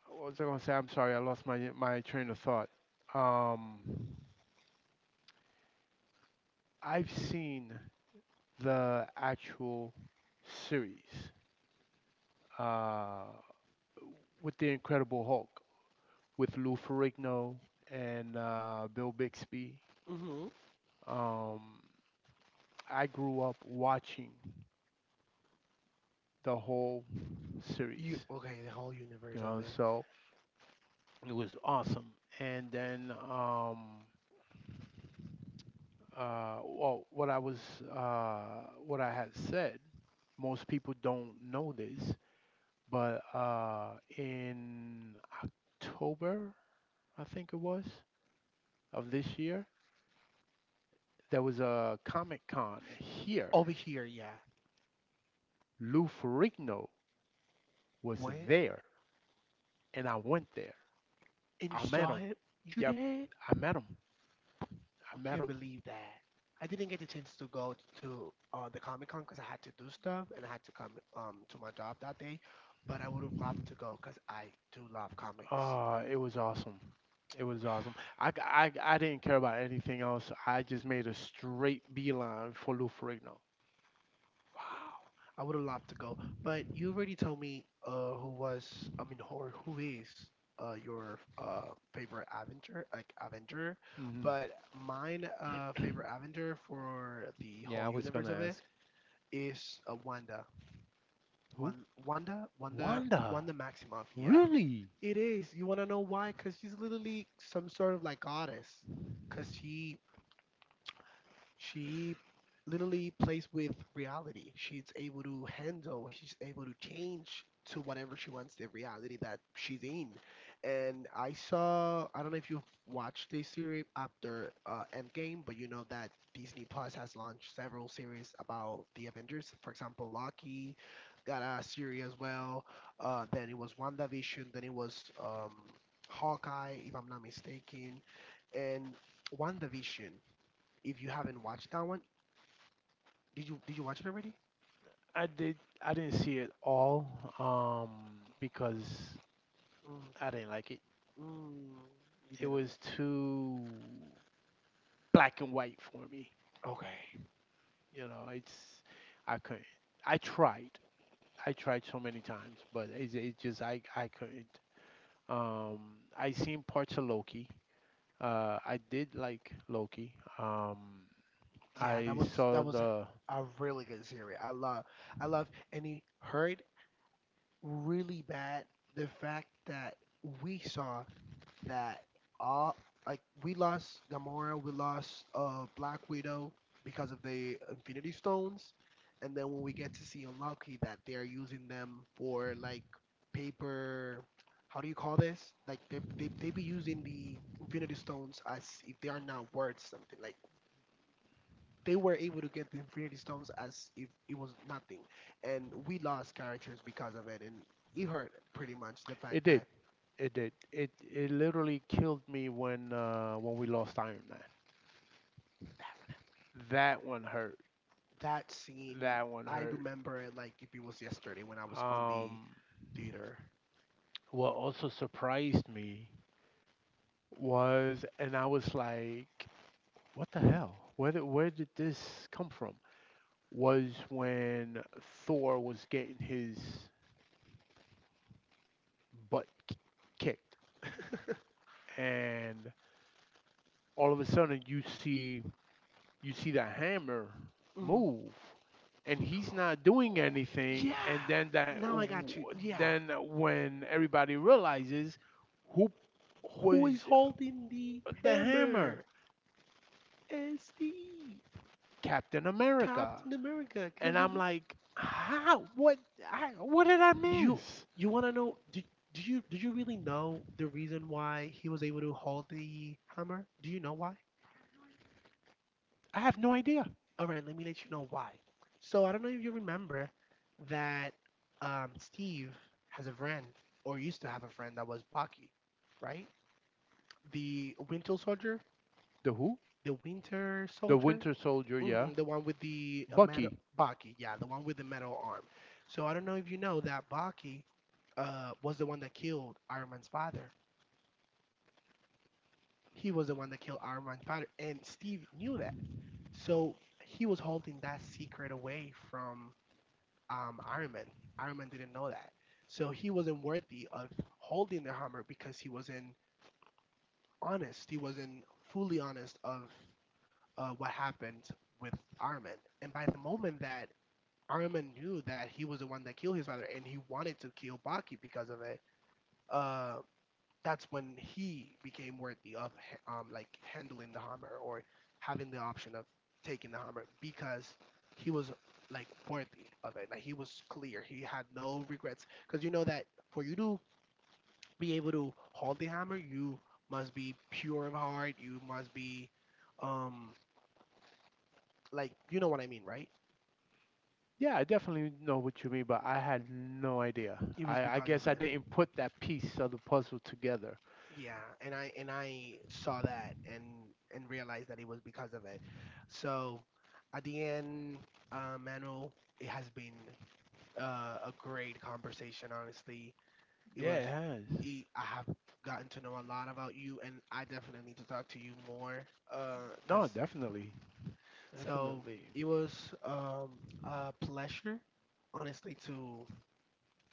Speaker 1: what was I gonna say? I'm sorry, I lost my train of thought. Um, I've seen the actual series uh, with the Incredible Hulk with Lou Ferrigno and Bill Bixby.
Speaker 2: Mm Mhm.
Speaker 1: Um, I grew up watching the whole
Speaker 2: You
Speaker 1: series,
Speaker 2: okay? The whole
Speaker 1: you
Speaker 2: universe of
Speaker 1: know,
Speaker 2: it
Speaker 1: so it was awesome. And then well, what I had said, most people don't know this, but in October, I think it was, of this year, there was a Comic Con here.
Speaker 2: over here, yeah.
Speaker 1: Lou Ferrigno was
Speaker 2: What?
Speaker 1: there, and I went there.
Speaker 2: And you
Speaker 1: I met
Speaker 2: saw
Speaker 1: him.
Speaker 2: him? You
Speaker 1: Yep,
Speaker 2: did?
Speaker 1: I met him. I
Speaker 2: I
Speaker 1: met
Speaker 2: can't
Speaker 1: him.
Speaker 2: believe that. I didn't get the chance to go to the Comic Con because I had to do stuff and I had to come to my job that day. But I would have loved to go because I do love comics.
Speaker 1: It was awesome. It was awesome. I didn't care about anything else. I just made a straight beeline for Lou Ferrigno.
Speaker 2: Wow, I would have loved to go, but you already told me who was, I mean, or who is your favorite Avenger, like Avenger,
Speaker 1: Hmm.
Speaker 2: but mine favorite Avenger for the
Speaker 1: Yeah,
Speaker 2: whole
Speaker 1: I was
Speaker 2: universe
Speaker 1: gonna
Speaker 2: of it
Speaker 1: ask
Speaker 2: is Wanda,
Speaker 1: who?
Speaker 2: one Wanda Wanda
Speaker 1: Wanda.
Speaker 2: Wanda Maximoff. Yeah,
Speaker 1: Really?
Speaker 2: it is. You wanna know why? Cause she's literally some sort of like goddess, cause she literally plays with reality. She's able to handle, she's able to change to whatever she wants the reality that she's in. And I saw, I don't know if you've watched this series after Endgame, but you know that Disney Plus has launched several series about the Avengers. For example, Loki got a series as well. Then it was WandaVision, then it was Hawkeye, if I'm not mistaken, and WandaVision. If you haven't watched that one, did you watch it already?
Speaker 1: I did. I didn't see it all. Because
Speaker 2: Mm,
Speaker 1: I didn't like it.
Speaker 2: mm, you
Speaker 1: It
Speaker 2: didn't. Li-
Speaker 1: was too black and white for me.
Speaker 2: Okay.
Speaker 1: You know, it's I couldn't. I tried. I tried so many times, but it just I couldn't. Um, I seen parts of Loki. I did like Loki. Um,
Speaker 2: Yeah, that
Speaker 1: I
Speaker 2: was that
Speaker 1: saw
Speaker 2: was
Speaker 1: the.
Speaker 2: a really good series. I love, I love, and he hurt really bad the fact that we saw that all, like we lost Gamora, we lost Black Widow because of the Infinity Stones, and then when we get to see in Loki that they are using them for like paper. How do you call this? Like they be using the Infinity Stones as if they are not worth something. Like they were able to get the Infinity Stones as if it was nothing, and we lost characters because of it, and it hurt pretty much the
Speaker 1: It
Speaker 2: fact
Speaker 1: did.
Speaker 2: that
Speaker 1: It did. It literally killed me when we lost Iron Man. That one hurt.
Speaker 2: that scene,
Speaker 1: That one
Speaker 2: I
Speaker 1: hurt.
Speaker 2: remember it like if it was yesterday when I was on the
Speaker 1: Um,
Speaker 2: theater.
Speaker 1: what also surprised me was, and I was like, what the hell? Where did this come from? Was when Thor was getting his butt kicked,
Speaker 2: (laughs)
Speaker 1: and all of a sudden you see the hammer
Speaker 2: Mhm.
Speaker 1: move, and he's not doing anything. And
Speaker 2: Yeah,
Speaker 1: then that,
Speaker 2: now I got you. Yeah,
Speaker 1: then when everybody realizes who
Speaker 2: who is
Speaker 1: was
Speaker 2: holding the
Speaker 1: the hammer,
Speaker 2: hammer? SD,
Speaker 1: Captain America,
Speaker 2: Captain America. Can
Speaker 1: and I'm
Speaker 2: believe
Speaker 1: like, how? What? I, what did I
Speaker 2: you.
Speaker 1: miss?
Speaker 2: You want to know? Do you really know the reason why he was able to hold the hammer? Do you know why?
Speaker 1: I have no idea.
Speaker 2: All right, let me let you know why. So I don't know if you remember that Steve has a friend or used to have a friend that was Bucky, right? The Winter Soldier,
Speaker 1: The who?
Speaker 2: the Winter
Speaker 1: The
Speaker 2: Soldier,
Speaker 1: Winter Soldier, yeah.
Speaker 2: hmm, the one with the metal
Speaker 1: Bucky.
Speaker 2: Bucky, yeah, the one with the metal arm. So I don't know if you know that Bucky was the one that killed Iron Man's father. He was the one that killed Iron Man's father, and Steve knew that. So he was holding that secret away from Iron Man. Iron Man didn't know that, so he wasn't worthy of holding the hammer because he wasn't honest. He wasn't fully honest of what happened with Iron Man. And by the moment that Iron Man knew that he was the one that killed his father, and he wanted to kill Baki because of it, uh, that's when he became worthy of h- like handling the hammer or having the option of taking the hammer because he was like worthy of it. Like he was clear. He had no regrets because you know that for you to be able to hold the hammer, you must be pure of heart. You must be um like, you know what I mean, right?
Speaker 1: Yeah, I definitely know what you mean, but I had no idea.
Speaker 2: It was
Speaker 1: I
Speaker 2: because
Speaker 1: guess
Speaker 2: of
Speaker 1: I
Speaker 2: it.
Speaker 1: didn't put that piece of the puzzle together.
Speaker 2: Yeah, and I saw that and realized that it was because of it. So at the end, Manuel, it has been a great conversation. Honestly, it
Speaker 1: Yeah,
Speaker 2: was.
Speaker 1: it has.
Speaker 2: It, I have gotten to know a lot about you, and I definitely need to talk to you more.
Speaker 1: No,
Speaker 2: Cause
Speaker 1: definitely.
Speaker 2: so
Speaker 1: Definitely.
Speaker 2: it was a pleasure, honestly, to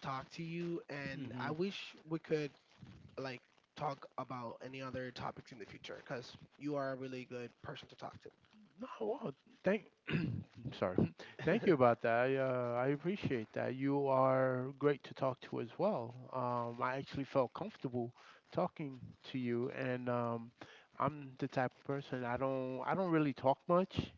Speaker 2: talk to you, and I
Speaker 1: Hmm.
Speaker 2: wish we could like talk about any other topics in the future because you are a really good person to talk to.
Speaker 1: No, well, thank. (clears throat) sorry, (laughs) thank you
Speaker 2: (laughs)
Speaker 1: about that. I appreciate that. You are great to talk to as well. I actually felt comfortable talking to you, and I'm the type of person I don't really talk much,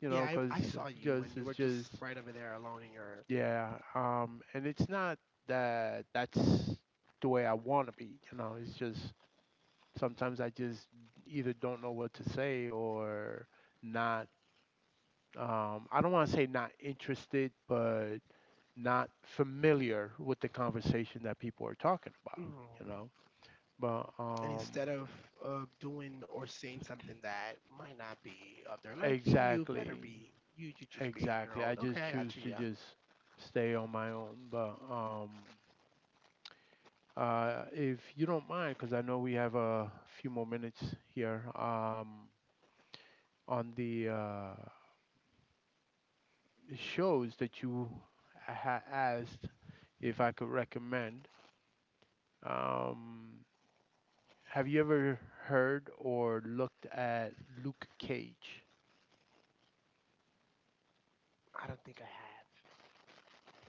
Speaker 1: you know,
Speaker 2: Yeah, I
Speaker 1: because
Speaker 2: saw you when
Speaker 1: just
Speaker 2: you
Speaker 1: it's
Speaker 2: were just
Speaker 1: just
Speaker 2: right over there alone in your
Speaker 1: yeah. And it's not that that's the way I want to be. You know, it's just sometimes I just either don't know what to say or not, I don't want to say not interested, but not familiar with the conversation that people are talking about,
Speaker 2: room.
Speaker 1: you know. But
Speaker 2: And instead of doing or saying something that might not be of their liking, you better
Speaker 1: exactly,
Speaker 2: be, you should just be on your
Speaker 1: exactly.
Speaker 2: own.
Speaker 1: I
Speaker 2: Okay,
Speaker 1: just
Speaker 2: I
Speaker 1: choose
Speaker 2: got you,
Speaker 1: to
Speaker 2: yeah.
Speaker 1: just stay on my own. But if you don't mind, because I know we have a few more minutes here on the shows that you asked if I could recommend. Um, Have you ever heard or looked at Luke Cage?
Speaker 2: I don't think I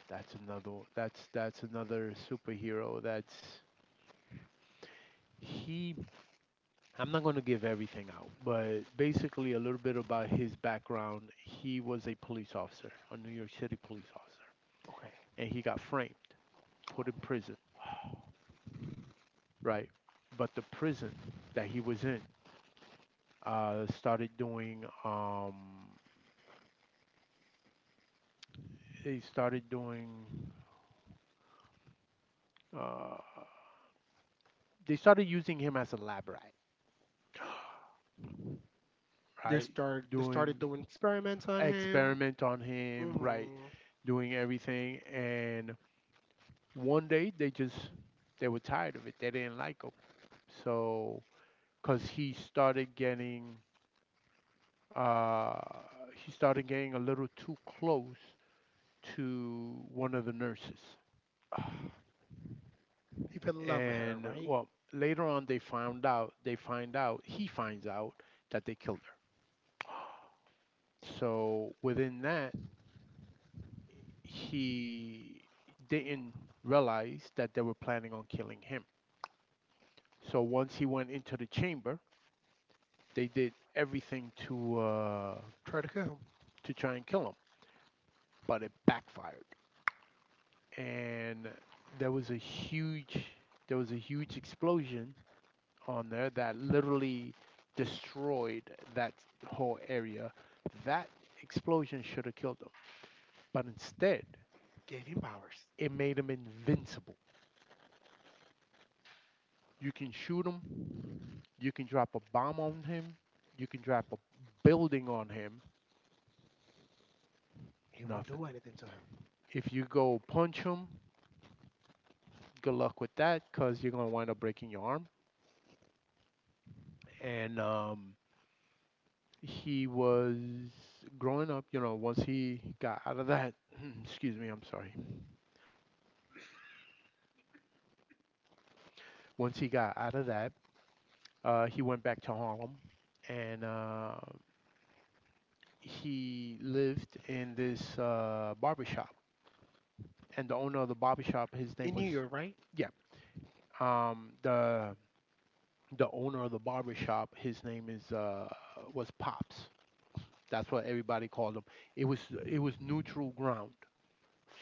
Speaker 1: That's another, that's another superhero that's he I'm not going to give everything out, but basically a little bit about his background. He was a police officer, a New York City police officer,
Speaker 2: have.
Speaker 1: and he got framed, put in prison, right? But the prison that he was in started doing they started doing uh they started using him as a lab rat,
Speaker 2: Okay. (gasps) they
Speaker 1: right?
Speaker 2: start they started
Speaker 1: Doing
Speaker 2: doing experiments on him.
Speaker 1: experiment on him, right?
Speaker 2: Hmm.
Speaker 1: Doing everything. And one day they just, they were tired of it. They didn't like him. So, because uh, he started getting a little too close to one of the nurses.
Speaker 2: (sighs) He fell in love with her,
Speaker 1: And
Speaker 2: right?
Speaker 1: well, later on they found out, he finds out that they killed her.
Speaker 2: (gasps)
Speaker 1: So within that, he didn't realize that they were planning on killing him. So once he went into the chamber, they did everything
Speaker 2: Try to kill him.
Speaker 1: to try and kill him, but it backfired, and there was a huge there was a huge explosion on there that literally destroyed that whole area. That explosion should have killed him, but instead
Speaker 2: Gave him powers.
Speaker 1: it made him invincible. You can shoot him. You can drop a bomb on him. You can drop a building on him.
Speaker 2: He won't do
Speaker 1: Nothing.
Speaker 2: anything to him.
Speaker 1: If you go punch him, good luck with that because you're going to wind up breaking your arm. And he was growing up, you know, once he got out of that, (clears throat) excuse me, I'm sorry. Once he got out of that, he went back to Harlem and he lived in this barber. And the owner of the barbershop, his
Speaker 2: In
Speaker 1: name was,
Speaker 2: New York, right?
Speaker 1: yeah, um, the the owner of the barber shop, his name is was Pops. That's what everybody called him. It was it was neutral ground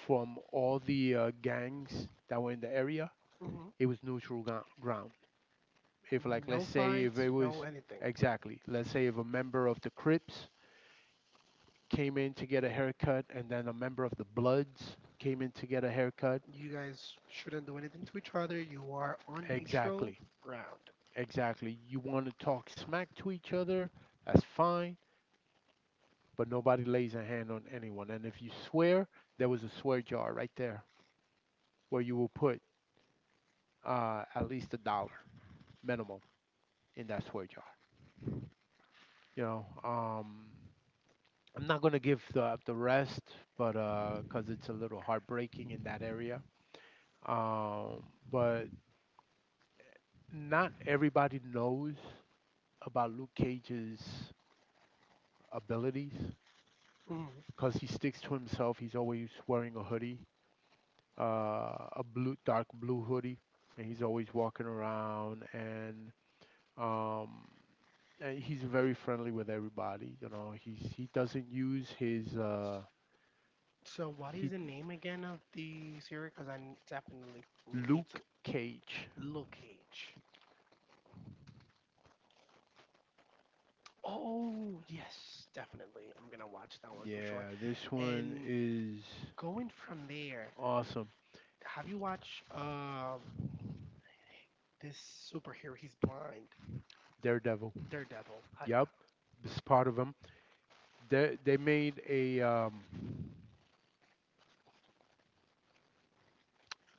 Speaker 1: from all the gangs that were in the area.
Speaker 2: Hmm.
Speaker 1: It was ground. If like
Speaker 2: No
Speaker 1: let's say if
Speaker 2: fights,
Speaker 1: it was
Speaker 2: no anything.
Speaker 1: exactly, let's say if a member of the Crips came in to get a haircut and then a member of the Bloods came in to get a haircut,
Speaker 2: You guys shouldn't do anything to each other. You are on neutral
Speaker 1: exactly.
Speaker 2: ground.
Speaker 1: Exactly. You want to talk smack to each other? That's fine, but nobody lays a hand on anyone. And if you swear, there was a swear jar right there where you will put at least a dollar minimum in that swear jar. You know, I'm not gonna give the rest, but cause it's a little heartbreaking in that area. Um, but not everybody knows about Luke Cage's abilities
Speaker 2: Hmm.
Speaker 1: because he sticks to himself. He's always wearing a hoodie, uh, a blue dark blue hoodie, and he's always walking around um, and he's very friendly with everybody. You know, he doesn't use his
Speaker 2: So, what is
Speaker 1: he
Speaker 2: the name again of the series? Because I n- definitely ne- need to
Speaker 1: Luke Cage.
Speaker 2: look Cage. Oh yes, definitely. I'm gonna watch that one for sure.
Speaker 1: Yeah, this one
Speaker 2: And
Speaker 1: is
Speaker 2: going from there,
Speaker 1: awesome.
Speaker 2: have you watched this superhero? He's blind,
Speaker 1: Daredevil.
Speaker 2: Daredevil.
Speaker 1: Yep, this part of him. They made a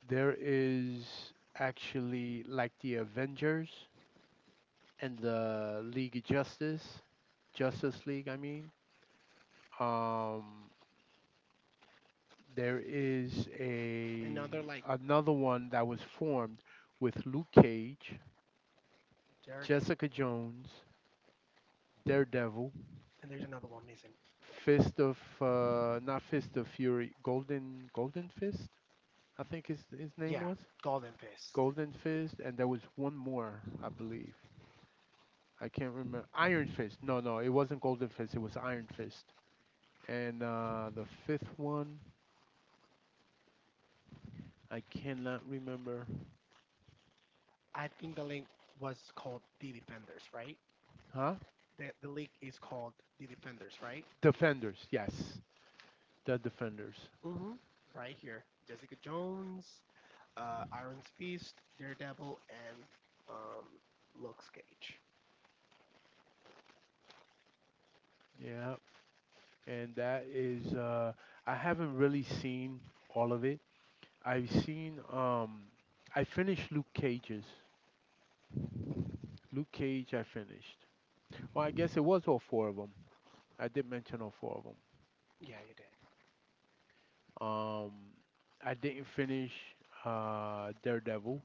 Speaker 1: there is actually like the Avengers and the League of Justice, Justice League, I mean. Um, there is a
Speaker 2: Another like,
Speaker 1: another one that was formed with Luke Cage,
Speaker 2: Derek,
Speaker 1: Jessica Jones, Daredevil,
Speaker 2: and there's another one missing.
Speaker 1: Fist of not Fist of Fury, Golden Fist, I think his name
Speaker 2: Yeah,
Speaker 1: was.
Speaker 2: Golden Fist.
Speaker 1: Golden Fist, and there was one more, I believe. I can't remember. Iron Fist. No, no, it wasn't Golden Fist. It was Iron Fist. And the fifth one, I cannot remember.
Speaker 2: I think the link was called The Defenders, right?
Speaker 1: Huh?
Speaker 2: The link is called The Defenders, right?
Speaker 1: Defenders. Yes, the Defenders.
Speaker 2: Mm-hmm. Right here. Jessica Jones, Iron Fist, Daredevil, and um, Luke Cage.
Speaker 1: Yeah. And that is, I haven't really seen all of it. I've seen, I finished Luke Cage's. Luke Cage, I finished. Well, I guess it was all four of them. I did mention all four of them.
Speaker 2: Yeah, you did.
Speaker 1: Um, I didn't finish Daredevil,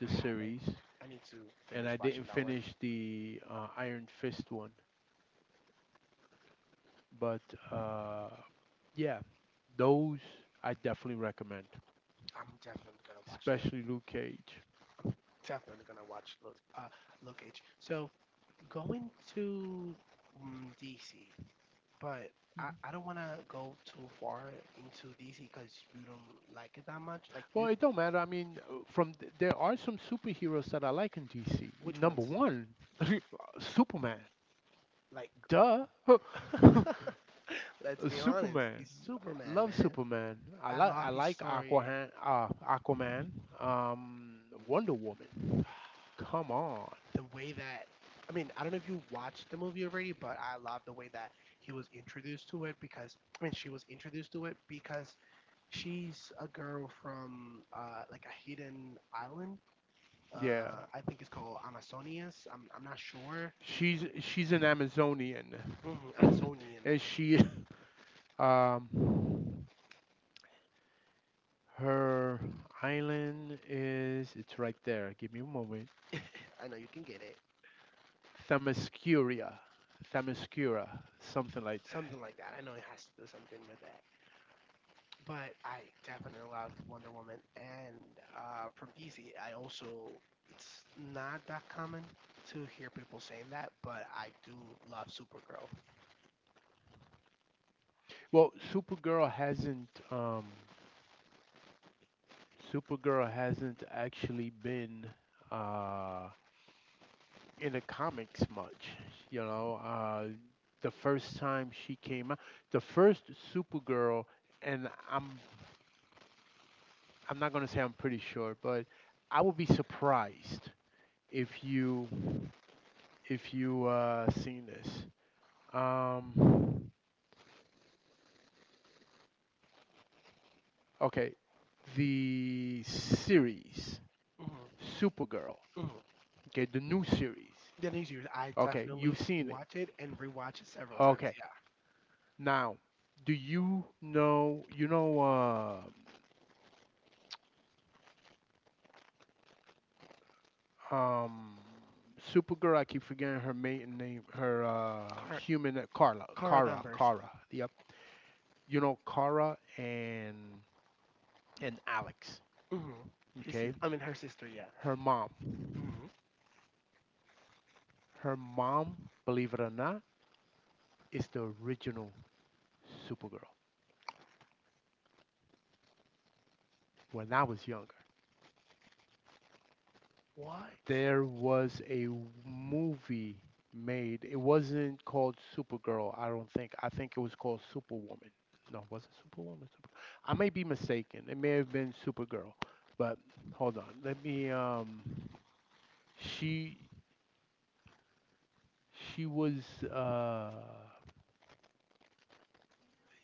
Speaker 2: I haven't.
Speaker 1: series.
Speaker 2: I need to
Speaker 1: And
Speaker 2: finish
Speaker 1: I
Speaker 2: watching
Speaker 1: didn't
Speaker 2: that one.
Speaker 1: finish the Iron Fist one. But uh, yeah, those I definitely recommend,
Speaker 2: I'm definitely gonna watch them.
Speaker 1: especially Luke Cage.
Speaker 2: Definitely gonna watch Luke, Luke Cage. So going to mm, DC. But I don't want to go too far into DC because you don't like it that much. Like you,
Speaker 1: Well, it don't matter. I mean, there are some superheroes that I like in DC.
Speaker 2: which
Speaker 1: Number
Speaker 2: ones?
Speaker 1: one, (laughs) Superman.
Speaker 2: Like,
Speaker 1: Duh, (laughs)
Speaker 2: (laughs) let's be honest, he's
Speaker 1: Superman. I
Speaker 2: Superman,
Speaker 1: love
Speaker 2: man.
Speaker 1: Superman.
Speaker 2: I love
Speaker 1: I
Speaker 2: his
Speaker 1: like
Speaker 2: story,
Speaker 1: Aquaman. Aquaman. Um, Wonder Woman. Come on.
Speaker 2: the way that. I mean, I don't know if you watched the movie already, but I love the way that he was introduced to it because I mean, she was introduced to it because she's a girl from like a hidden island.
Speaker 1: Yeah.
Speaker 2: I think it's called Amazonias. I'm not sure.
Speaker 1: She's an Amazonian,
Speaker 2: Mhm, Amazonian.
Speaker 1: (coughs) and she um her island is it's right there. Give me a moment.
Speaker 2: (laughs) I know you can get it.
Speaker 1: Themyscira, Themyscira, something like that.
Speaker 2: Something like that. I know it has to do something with that. But I definitely love Wonder Woman and from DC. I also it's not that common to hear people saying that, but I do love Supergirl.
Speaker 1: Well, Supergirl hasn't Supergirl hasn't actually been uh in the comics much. You know, the first time she came out, the first Supergirl, and I'm not going to say I'm pretty sure, but I would be surprised if you if you seen this. Um, okay, the series
Speaker 2: Mm-hmm,
Speaker 1: Supergirl.
Speaker 2: mm-hmm.
Speaker 1: Okay, the new series.
Speaker 2: The next years, I
Speaker 1: Okay,
Speaker 2: definitely
Speaker 1: you've seen it.
Speaker 2: watch it and rewatch it several times.
Speaker 1: Okay,
Speaker 2: Yeah,
Speaker 1: now do you know uh, um Supergirl? I keep forgetting her maiden name. Her
Speaker 2: Car-
Speaker 1: human Carla,
Speaker 2: Cara
Speaker 1: Kara,
Speaker 2: Danvers.
Speaker 1: Kara. Yep. You know Cara and Alex.
Speaker 2: Mm-hmm. His, sis-
Speaker 1: Okay,
Speaker 2: I mean her sister. Yeah.
Speaker 1: her mom,
Speaker 2: Mm-hmm.
Speaker 1: her mom, believe it or not, is the original Supergirl. When I was younger,
Speaker 2: What?
Speaker 1: there was a movie made. It wasn't called Supergirl, I don't think. I think it was called Superwoman. No, was it Superwoman? Super. I may be mistaken. It may have been Supergirl, but hold on. Let me. She she was.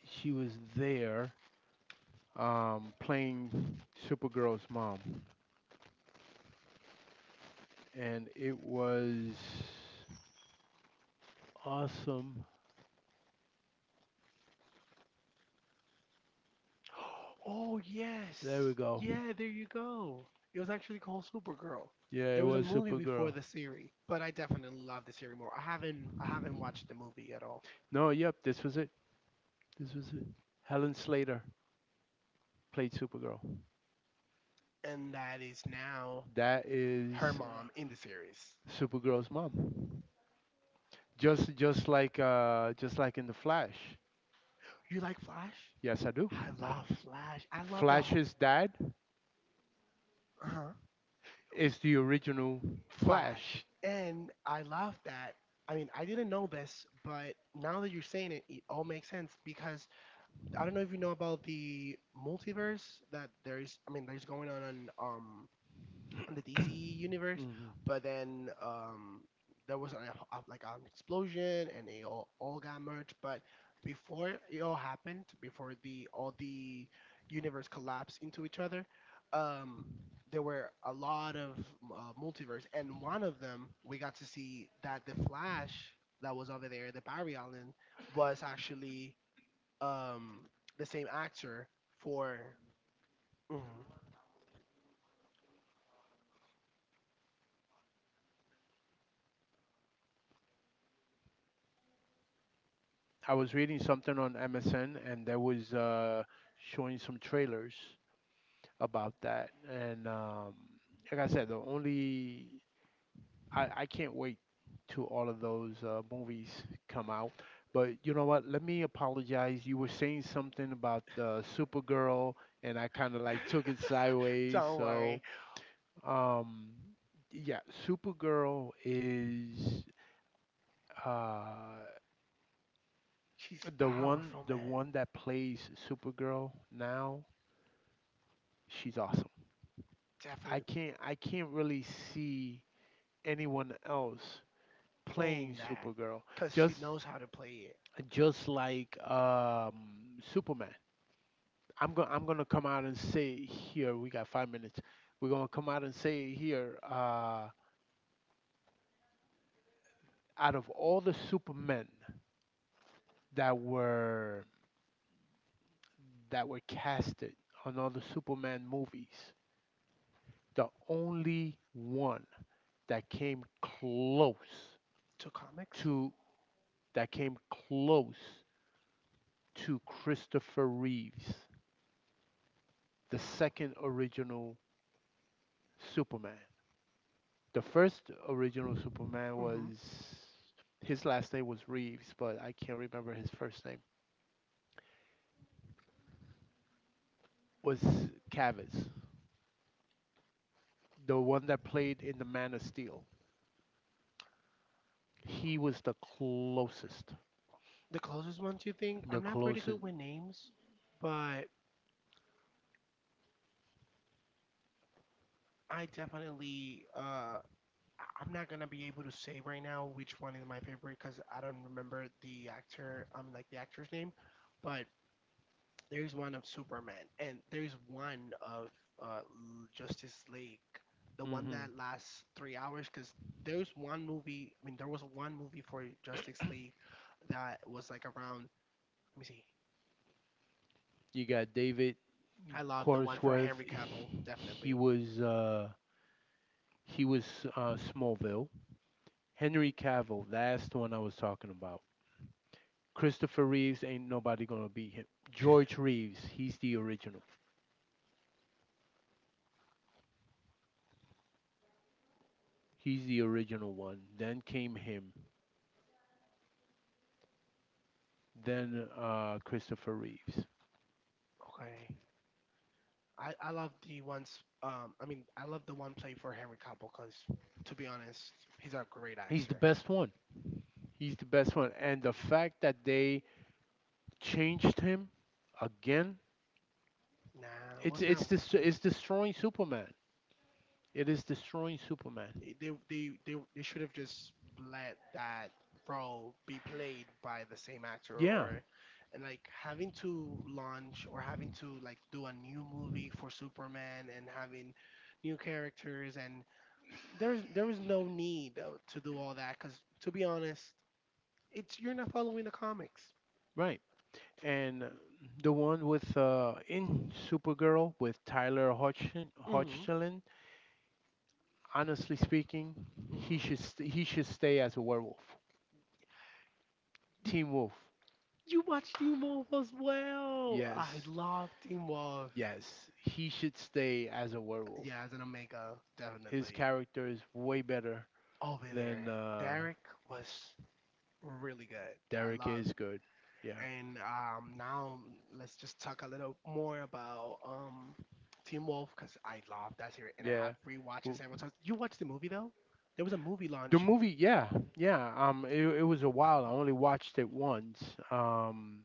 Speaker 1: She was there playing Supergirl's mom, and it was awesome.
Speaker 2: Oh yes,
Speaker 1: There we go.
Speaker 2: yeah. There you go. It was actually called Supergirl. There
Speaker 1: Yeah, it
Speaker 2: was a
Speaker 1: was
Speaker 2: movie before
Speaker 1: Supergirl.
Speaker 2: the series, but I definitely love the series more. I haven't watched the movie at all,
Speaker 1: No, yep, this was it. This was it. Helen Slater played Supergirl.
Speaker 2: and that is now
Speaker 1: That
Speaker 2: her
Speaker 1: is
Speaker 2: mom in the series.
Speaker 1: Supergirl's mom. Just like just like in the Flash.
Speaker 2: You like Flash?
Speaker 1: Yes, I do.
Speaker 2: I love Flash. I love the whole
Speaker 1: Flash's dad
Speaker 2: uh
Speaker 1: is the original
Speaker 2: Flash,
Speaker 1: Flash.
Speaker 2: and I love that. I mean, I didn't know this, but now that you're saying it, it all makes sense because I don't know if you know about the multiverse that there is. I mean, there's going on the DC
Speaker 1: (clears throat)
Speaker 2: universe,
Speaker 1: Mhm.
Speaker 2: but then there was an, a, like an explosion and they all got merged. But before it all happened, before the all the universe collapsed into each other, um there were a lot of multiverse, and one of them we got to see that the Flash that was over there, the Barry Allen, was actually um, the same actor for. Mhm.
Speaker 1: I was reading something on MSN and there was showing some trailers about that. And like I said, the only I can't wait till all of those movies come out. But you know what? Let me apologize. You were saying something about Supergirl, and I kind of like took it sideways.
Speaker 2: Don't worry,
Speaker 1: So um, yeah, Supergirl is. Uh,
Speaker 2: she's powerful,
Speaker 1: The
Speaker 2: man.
Speaker 1: one that plays Supergirl now, she's awesome.
Speaker 2: Definitely
Speaker 1: I can't really see anyone else
Speaker 2: playing
Speaker 1: playing
Speaker 2: that
Speaker 1: Supergirl.
Speaker 2: because she
Speaker 1: Just,
Speaker 2: knows how to play it.
Speaker 1: just like Superman. I'm gonna come out and say it here. We got 5 minutes. We're gonna come out and say it here. Out of all the Supermen that were, that were casted on all the Superman movies, the only one that came close
Speaker 2: To comics,
Speaker 1: to that came close to Christopher Reeves, the second original Superman. The first original Superman
Speaker 2: hmm,
Speaker 1: was his last name was Reeves, but I can't remember his first name. Was Cavill, the one that played in the Man of Steel. He was the closest,
Speaker 2: the closest ones you think. I'm
Speaker 1: the
Speaker 2: not pretty good
Speaker 1: closest.
Speaker 2: with names, but I definitely. I- I'm not gonna be able to say right now which one is my favorite because I don't remember the actor. Like the actor's name, but there's one of Superman, and there's one of L- Justice League, the one that
Speaker 1: Hmm.
Speaker 2: lasts 3 hours. Because there's one movie. I mean, there was one movie for Justice League that was like around. Let me see.
Speaker 1: You got David
Speaker 2: I love the one for Henry
Speaker 1: Cornsworth.
Speaker 2: Cavill,
Speaker 1: He
Speaker 2: definitely.
Speaker 1: was He was Smallville. Henry Cavill, that's the one I was talking about. Christopher Reeves, ain't nobody gonna beat him. George Reeves, he's the original. He's the original one. Then came him. Then Christopher Reeves.
Speaker 2: Okay. I love the ones. I mean, I love the one played for Henry Cavill because, to be honest, he's a great
Speaker 1: He's
Speaker 2: actor.
Speaker 1: the best one. He's the best one. And the fact that they changed him again,
Speaker 2: Nah, was not
Speaker 1: it's destroying Superman. It is destroying Superman.
Speaker 2: they they should have just let that role be played by the same actor
Speaker 1: Yeah,
Speaker 2: or and like having to launch or having to like do a new movie for Superman and having new characters and there was no need to do all that because to be honest it's you're not following the comics.
Speaker 1: right. And the one with in Supergirl with Tyler Hodgson,
Speaker 2: Mm-hmm.
Speaker 1: Hodgson. Honestly speaking,
Speaker 2: Mm-mm.
Speaker 1: he should stay as a werewolf.
Speaker 2: D-
Speaker 1: Team Wolf.
Speaker 2: you watch Teen Wolf as well, I
Speaker 1: Yes,
Speaker 2: love Teen Wolf,
Speaker 1: yes, he should stay as a werewolf.
Speaker 2: yeah as an Omega,
Speaker 1: His
Speaker 2: definitely
Speaker 1: character is way better
Speaker 2: over there.
Speaker 1: than
Speaker 2: Derek was really good. I
Speaker 1: Derek
Speaker 2: love.
Speaker 1: is good. Yeah,
Speaker 2: And now let's just talk a little more about Team Wolf because I love that series and I have
Speaker 1: yeah.
Speaker 2: rewatches
Speaker 1: W-
Speaker 2: several times. You watched the movie though? There was a movie launch.
Speaker 1: The movie, yeah, yeah. It was a while. I only watched it once. Um,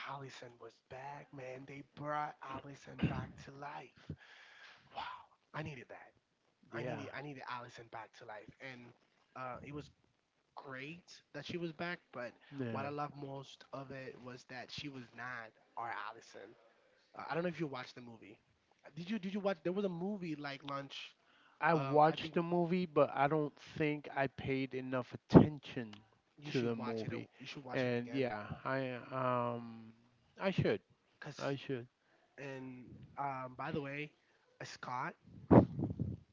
Speaker 2: Allison was back, man. They brought Allison back to life. Wow, I needed that. I
Speaker 1: yeah,
Speaker 2: needed I needed Allison back to life, and it was great that she was back, but what I
Speaker 1: yeah.
Speaker 2: loved most of it was that she was not our Allison. I don't know if you watched the movie. Did you? Did you watch? There was a movie like Lunch.
Speaker 1: I
Speaker 2: I think
Speaker 1: watched the movie, but I don't think I paid enough attention
Speaker 2: you
Speaker 1: to
Speaker 2: should
Speaker 1: the
Speaker 2: watch it.
Speaker 1: movie.
Speaker 2: You should watch it
Speaker 1: And
Speaker 2: again.
Speaker 1: yeah, I I should.
Speaker 2: Cause
Speaker 1: I should.
Speaker 2: and by the way, Scott,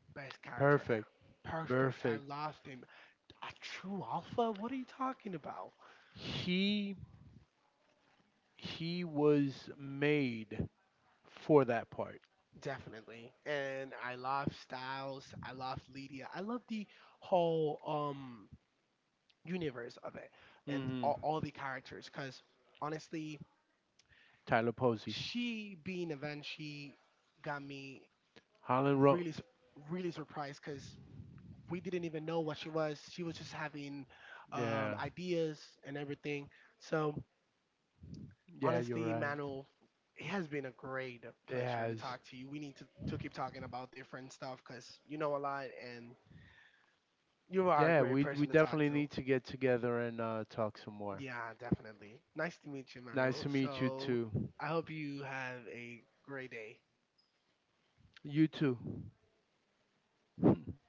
Speaker 2: best character ever.
Speaker 1: Perfect.
Speaker 2: Perfect. I
Speaker 1: Perfect.
Speaker 2: loved him. A true alpha? What are you talking about?
Speaker 1: He he was made for that part.
Speaker 2: Definitely. And I love Styles. I love Lydia. I love the whole universe of it and
Speaker 1: Mhm.
Speaker 2: all the characters because honestly
Speaker 1: Tyler Posey.
Speaker 2: she being event she got me
Speaker 1: Holland Ro
Speaker 2: really su- really surprised because we didn't even know what she was, she was just having
Speaker 1: Yeah.
Speaker 2: ideas and everything, so
Speaker 1: Yeah, you're
Speaker 2: honestly
Speaker 1: right.
Speaker 2: Manuel, it has been a great
Speaker 1: It
Speaker 2: pleasure to talk
Speaker 1: has.
Speaker 2: to you, we need to keep talking about different stuff because you know a lot and you are a
Speaker 1: Yeah,
Speaker 2: great person to
Speaker 1: we
Speaker 2: talk
Speaker 1: definitely
Speaker 2: to.
Speaker 1: need to get together and talk some more.
Speaker 2: Yeah, definitely. Nice to meet you, Manuel.
Speaker 1: Nice to meet you
Speaker 2: So
Speaker 1: too.
Speaker 2: I hope you have a great day.
Speaker 1: You too. (laughs)